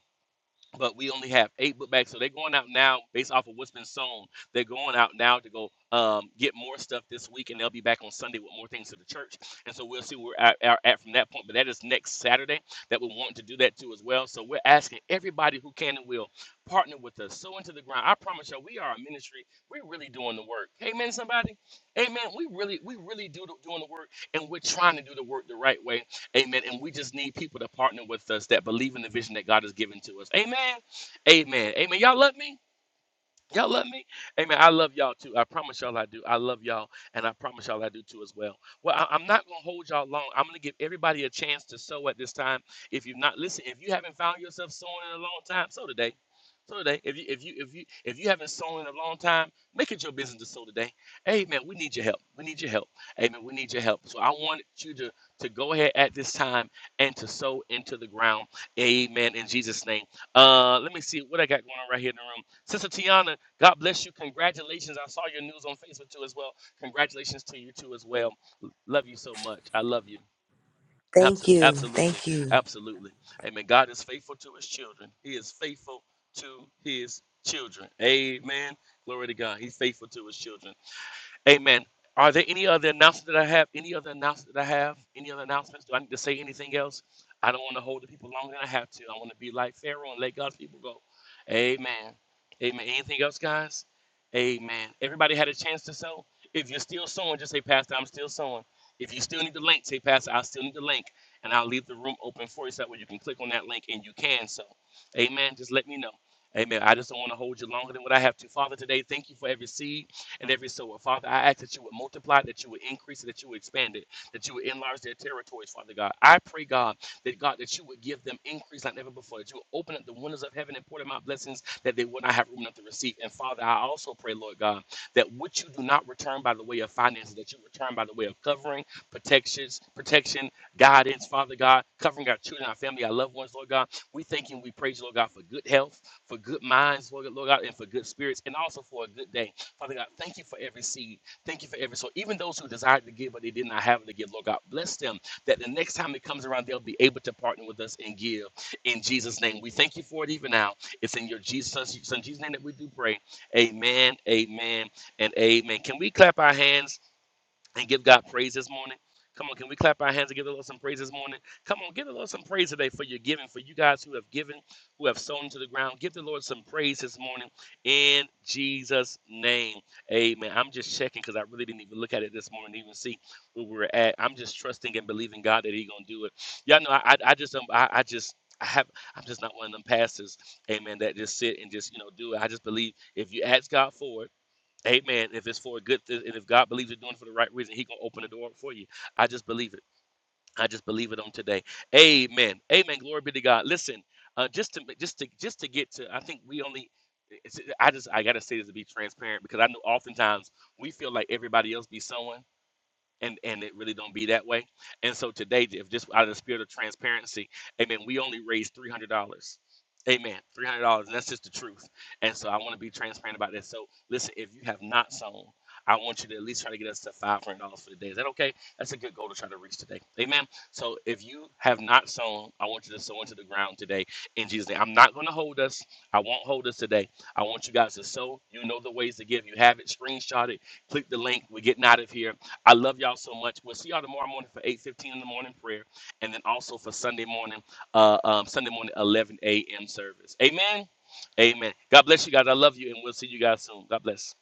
[SPEAKER 4] but we only have eight book bags. So they're going out now based off of what's been sown. They're going out now to go um, get more stuff this week, and they'll be back on Sunday with more things to the church. And so we'll see where we're at, at, at from that point. But that is next Saturday that we want to do that too as well. So we're asking everybody who can and will partner with us. sow into the ground. I promise you, all we are a ministry. We're really doing the work. Amen, somebody. Amen. We really, we really do the, doing the work, and we're trying to do the work the right way Amen. And we just need people to partner with us that believe in the vision that God has given to us. Amen. Amen. Amen. Y'all love me? Y'all love me? Amen. I love y'all too. I promise y'all I do. I love y'all, and I promise y'all I do too as well. Well, I, am not going to hold y'all long. I'm going to give everybody a chance to sow at this time. If you've not listened, if you haven't found yourself sowing in a long time, sow today. So today, if you if you if you if you haven't sown in a long time, make it your business to sow today. Amen. We need your help. We need your help. Amen. We need your help. So I want you to to go ahead at this time and to sow into the ground. Amen. In Jesus' name. Uh, let me see what I got going on right here in the room. Sister Tiana, God bless you. Congratulations. I saw your news on Facebook too as well. Congratulations to you too as well. Love you so much. I love you.
[SPEAKER 10] Thank
[SPEAKER 4] Abso-
[SPEAKER 10] you.
[SPEAKER 4] Absolutely.
[SPEAKER 10] Thank you.
[SPEAKER 4] Absolutely. Amen. God is faithful to his children. He is faithful to his children. Amen. Glory to God. He's faithful to his children. Amen. Are there any other announcements that I have? Any other announcements that I have? Any other announcements? Do I need to say anything else? I don't want to hold the people longer than I have to. I want to be like Pharaoh and let God's people go. Amen. Amen. Anything else, guys? Amen. Everybody had a chance to sow. If you're still sowing, just say, Pastor, I'm still sowing. If you still need the link, say, Pastor, I still need the link. And I'll leave the room open for you so that way you can click on that link and you can sow. Amen. Just let me know. Amen. I just don't want to hold you longer than what I have to. Father, today, thank you for every seed and every soul. Father, I ask that you would multiply, that you would increase, that you would expand it, that you would enlarge their territories, Father God. I pray, God, that God, that you would give them increase like never before, that you would open up the windows of heaven and pour them out blessings that they would not have room enough to receive. And Father, I also pray, Lord God, that what you do not return by the way of finances, that you return by the way of covering, protections, protection, guidance, Father God, covering our children, our family, our loved ones, Lord God. We thank you and we praise you, Lord God, for good health, for good minds, Lord, God, Lord God, and for good spirits, and also for a good day. Father God, thank you for every seed. Thank you for every soul. Even those who desired to give, but they did not have to give, Lord God, bless them that the next time it comes around, they'll be able to partner with us and give in Jesus' name. We thank you for it even now. It's in your Jesus, son, Jesus' name that we do pray. Amen, amen, and amen. Can we clap our hands? and give God praise this morning. Come on, can we clap our hands and give the Lord some praise this morning? Come on, give the Lord some praise today for your giving, for you guys who have given, who have sown into the ground. Give the Lord some praise this morning in Jesus' name. Amen. I'm just checking because I really didn't even look at it this morning, even see where we were at. I'm just trusting and believing God that He's gonna do it. Y'all know I I, I just um, I, I just I have I'm just not one of them pastors, amen, that just sit and just, you know, do it. I just believe if you ask God for it. Amen. If it's for a good thing, and if God believes you're doing it for the right reason, He gonna open the door for you. I just believe it. I just believe it on today. Amen. Amen. Glory be to God. Listen, uh, just to just to just to get to, I think we only. It's, I just I gotta say this to be transparent because I know oftentimes we feel like everybody else be sowing and and it really don't be that way. And so today, if just out of the spirit of transparency, amen, we only raised three hundred dollars. Amen. Three hundred dollars, and that's just the truth. And so I want to be transparent about that. So listen, if you have not sown, I want you to at least try to get us to five hundred dollars for the day. Is that okay? That's a good goal to try to reach today. Amen. So if you have not sown, I want you to sow into the ground today in Jesus' name. I'm not gonna hold us. I won't hold us today. I want you guys to sow. You know the ways to give. You have it, screenshot it, click the link. We're getting out of here I love y'all so much. We'll see y'all tomorrow morning for 8.15 in the morning prayer and then also for Sunday morning, uh, um, Sunday morning 11 a.m. service. Amen. Amen. God bless you guys. I love you and we'll see you guys soon. God bless.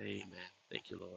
[SPEAKER 4] Amen. Thank you, Lord.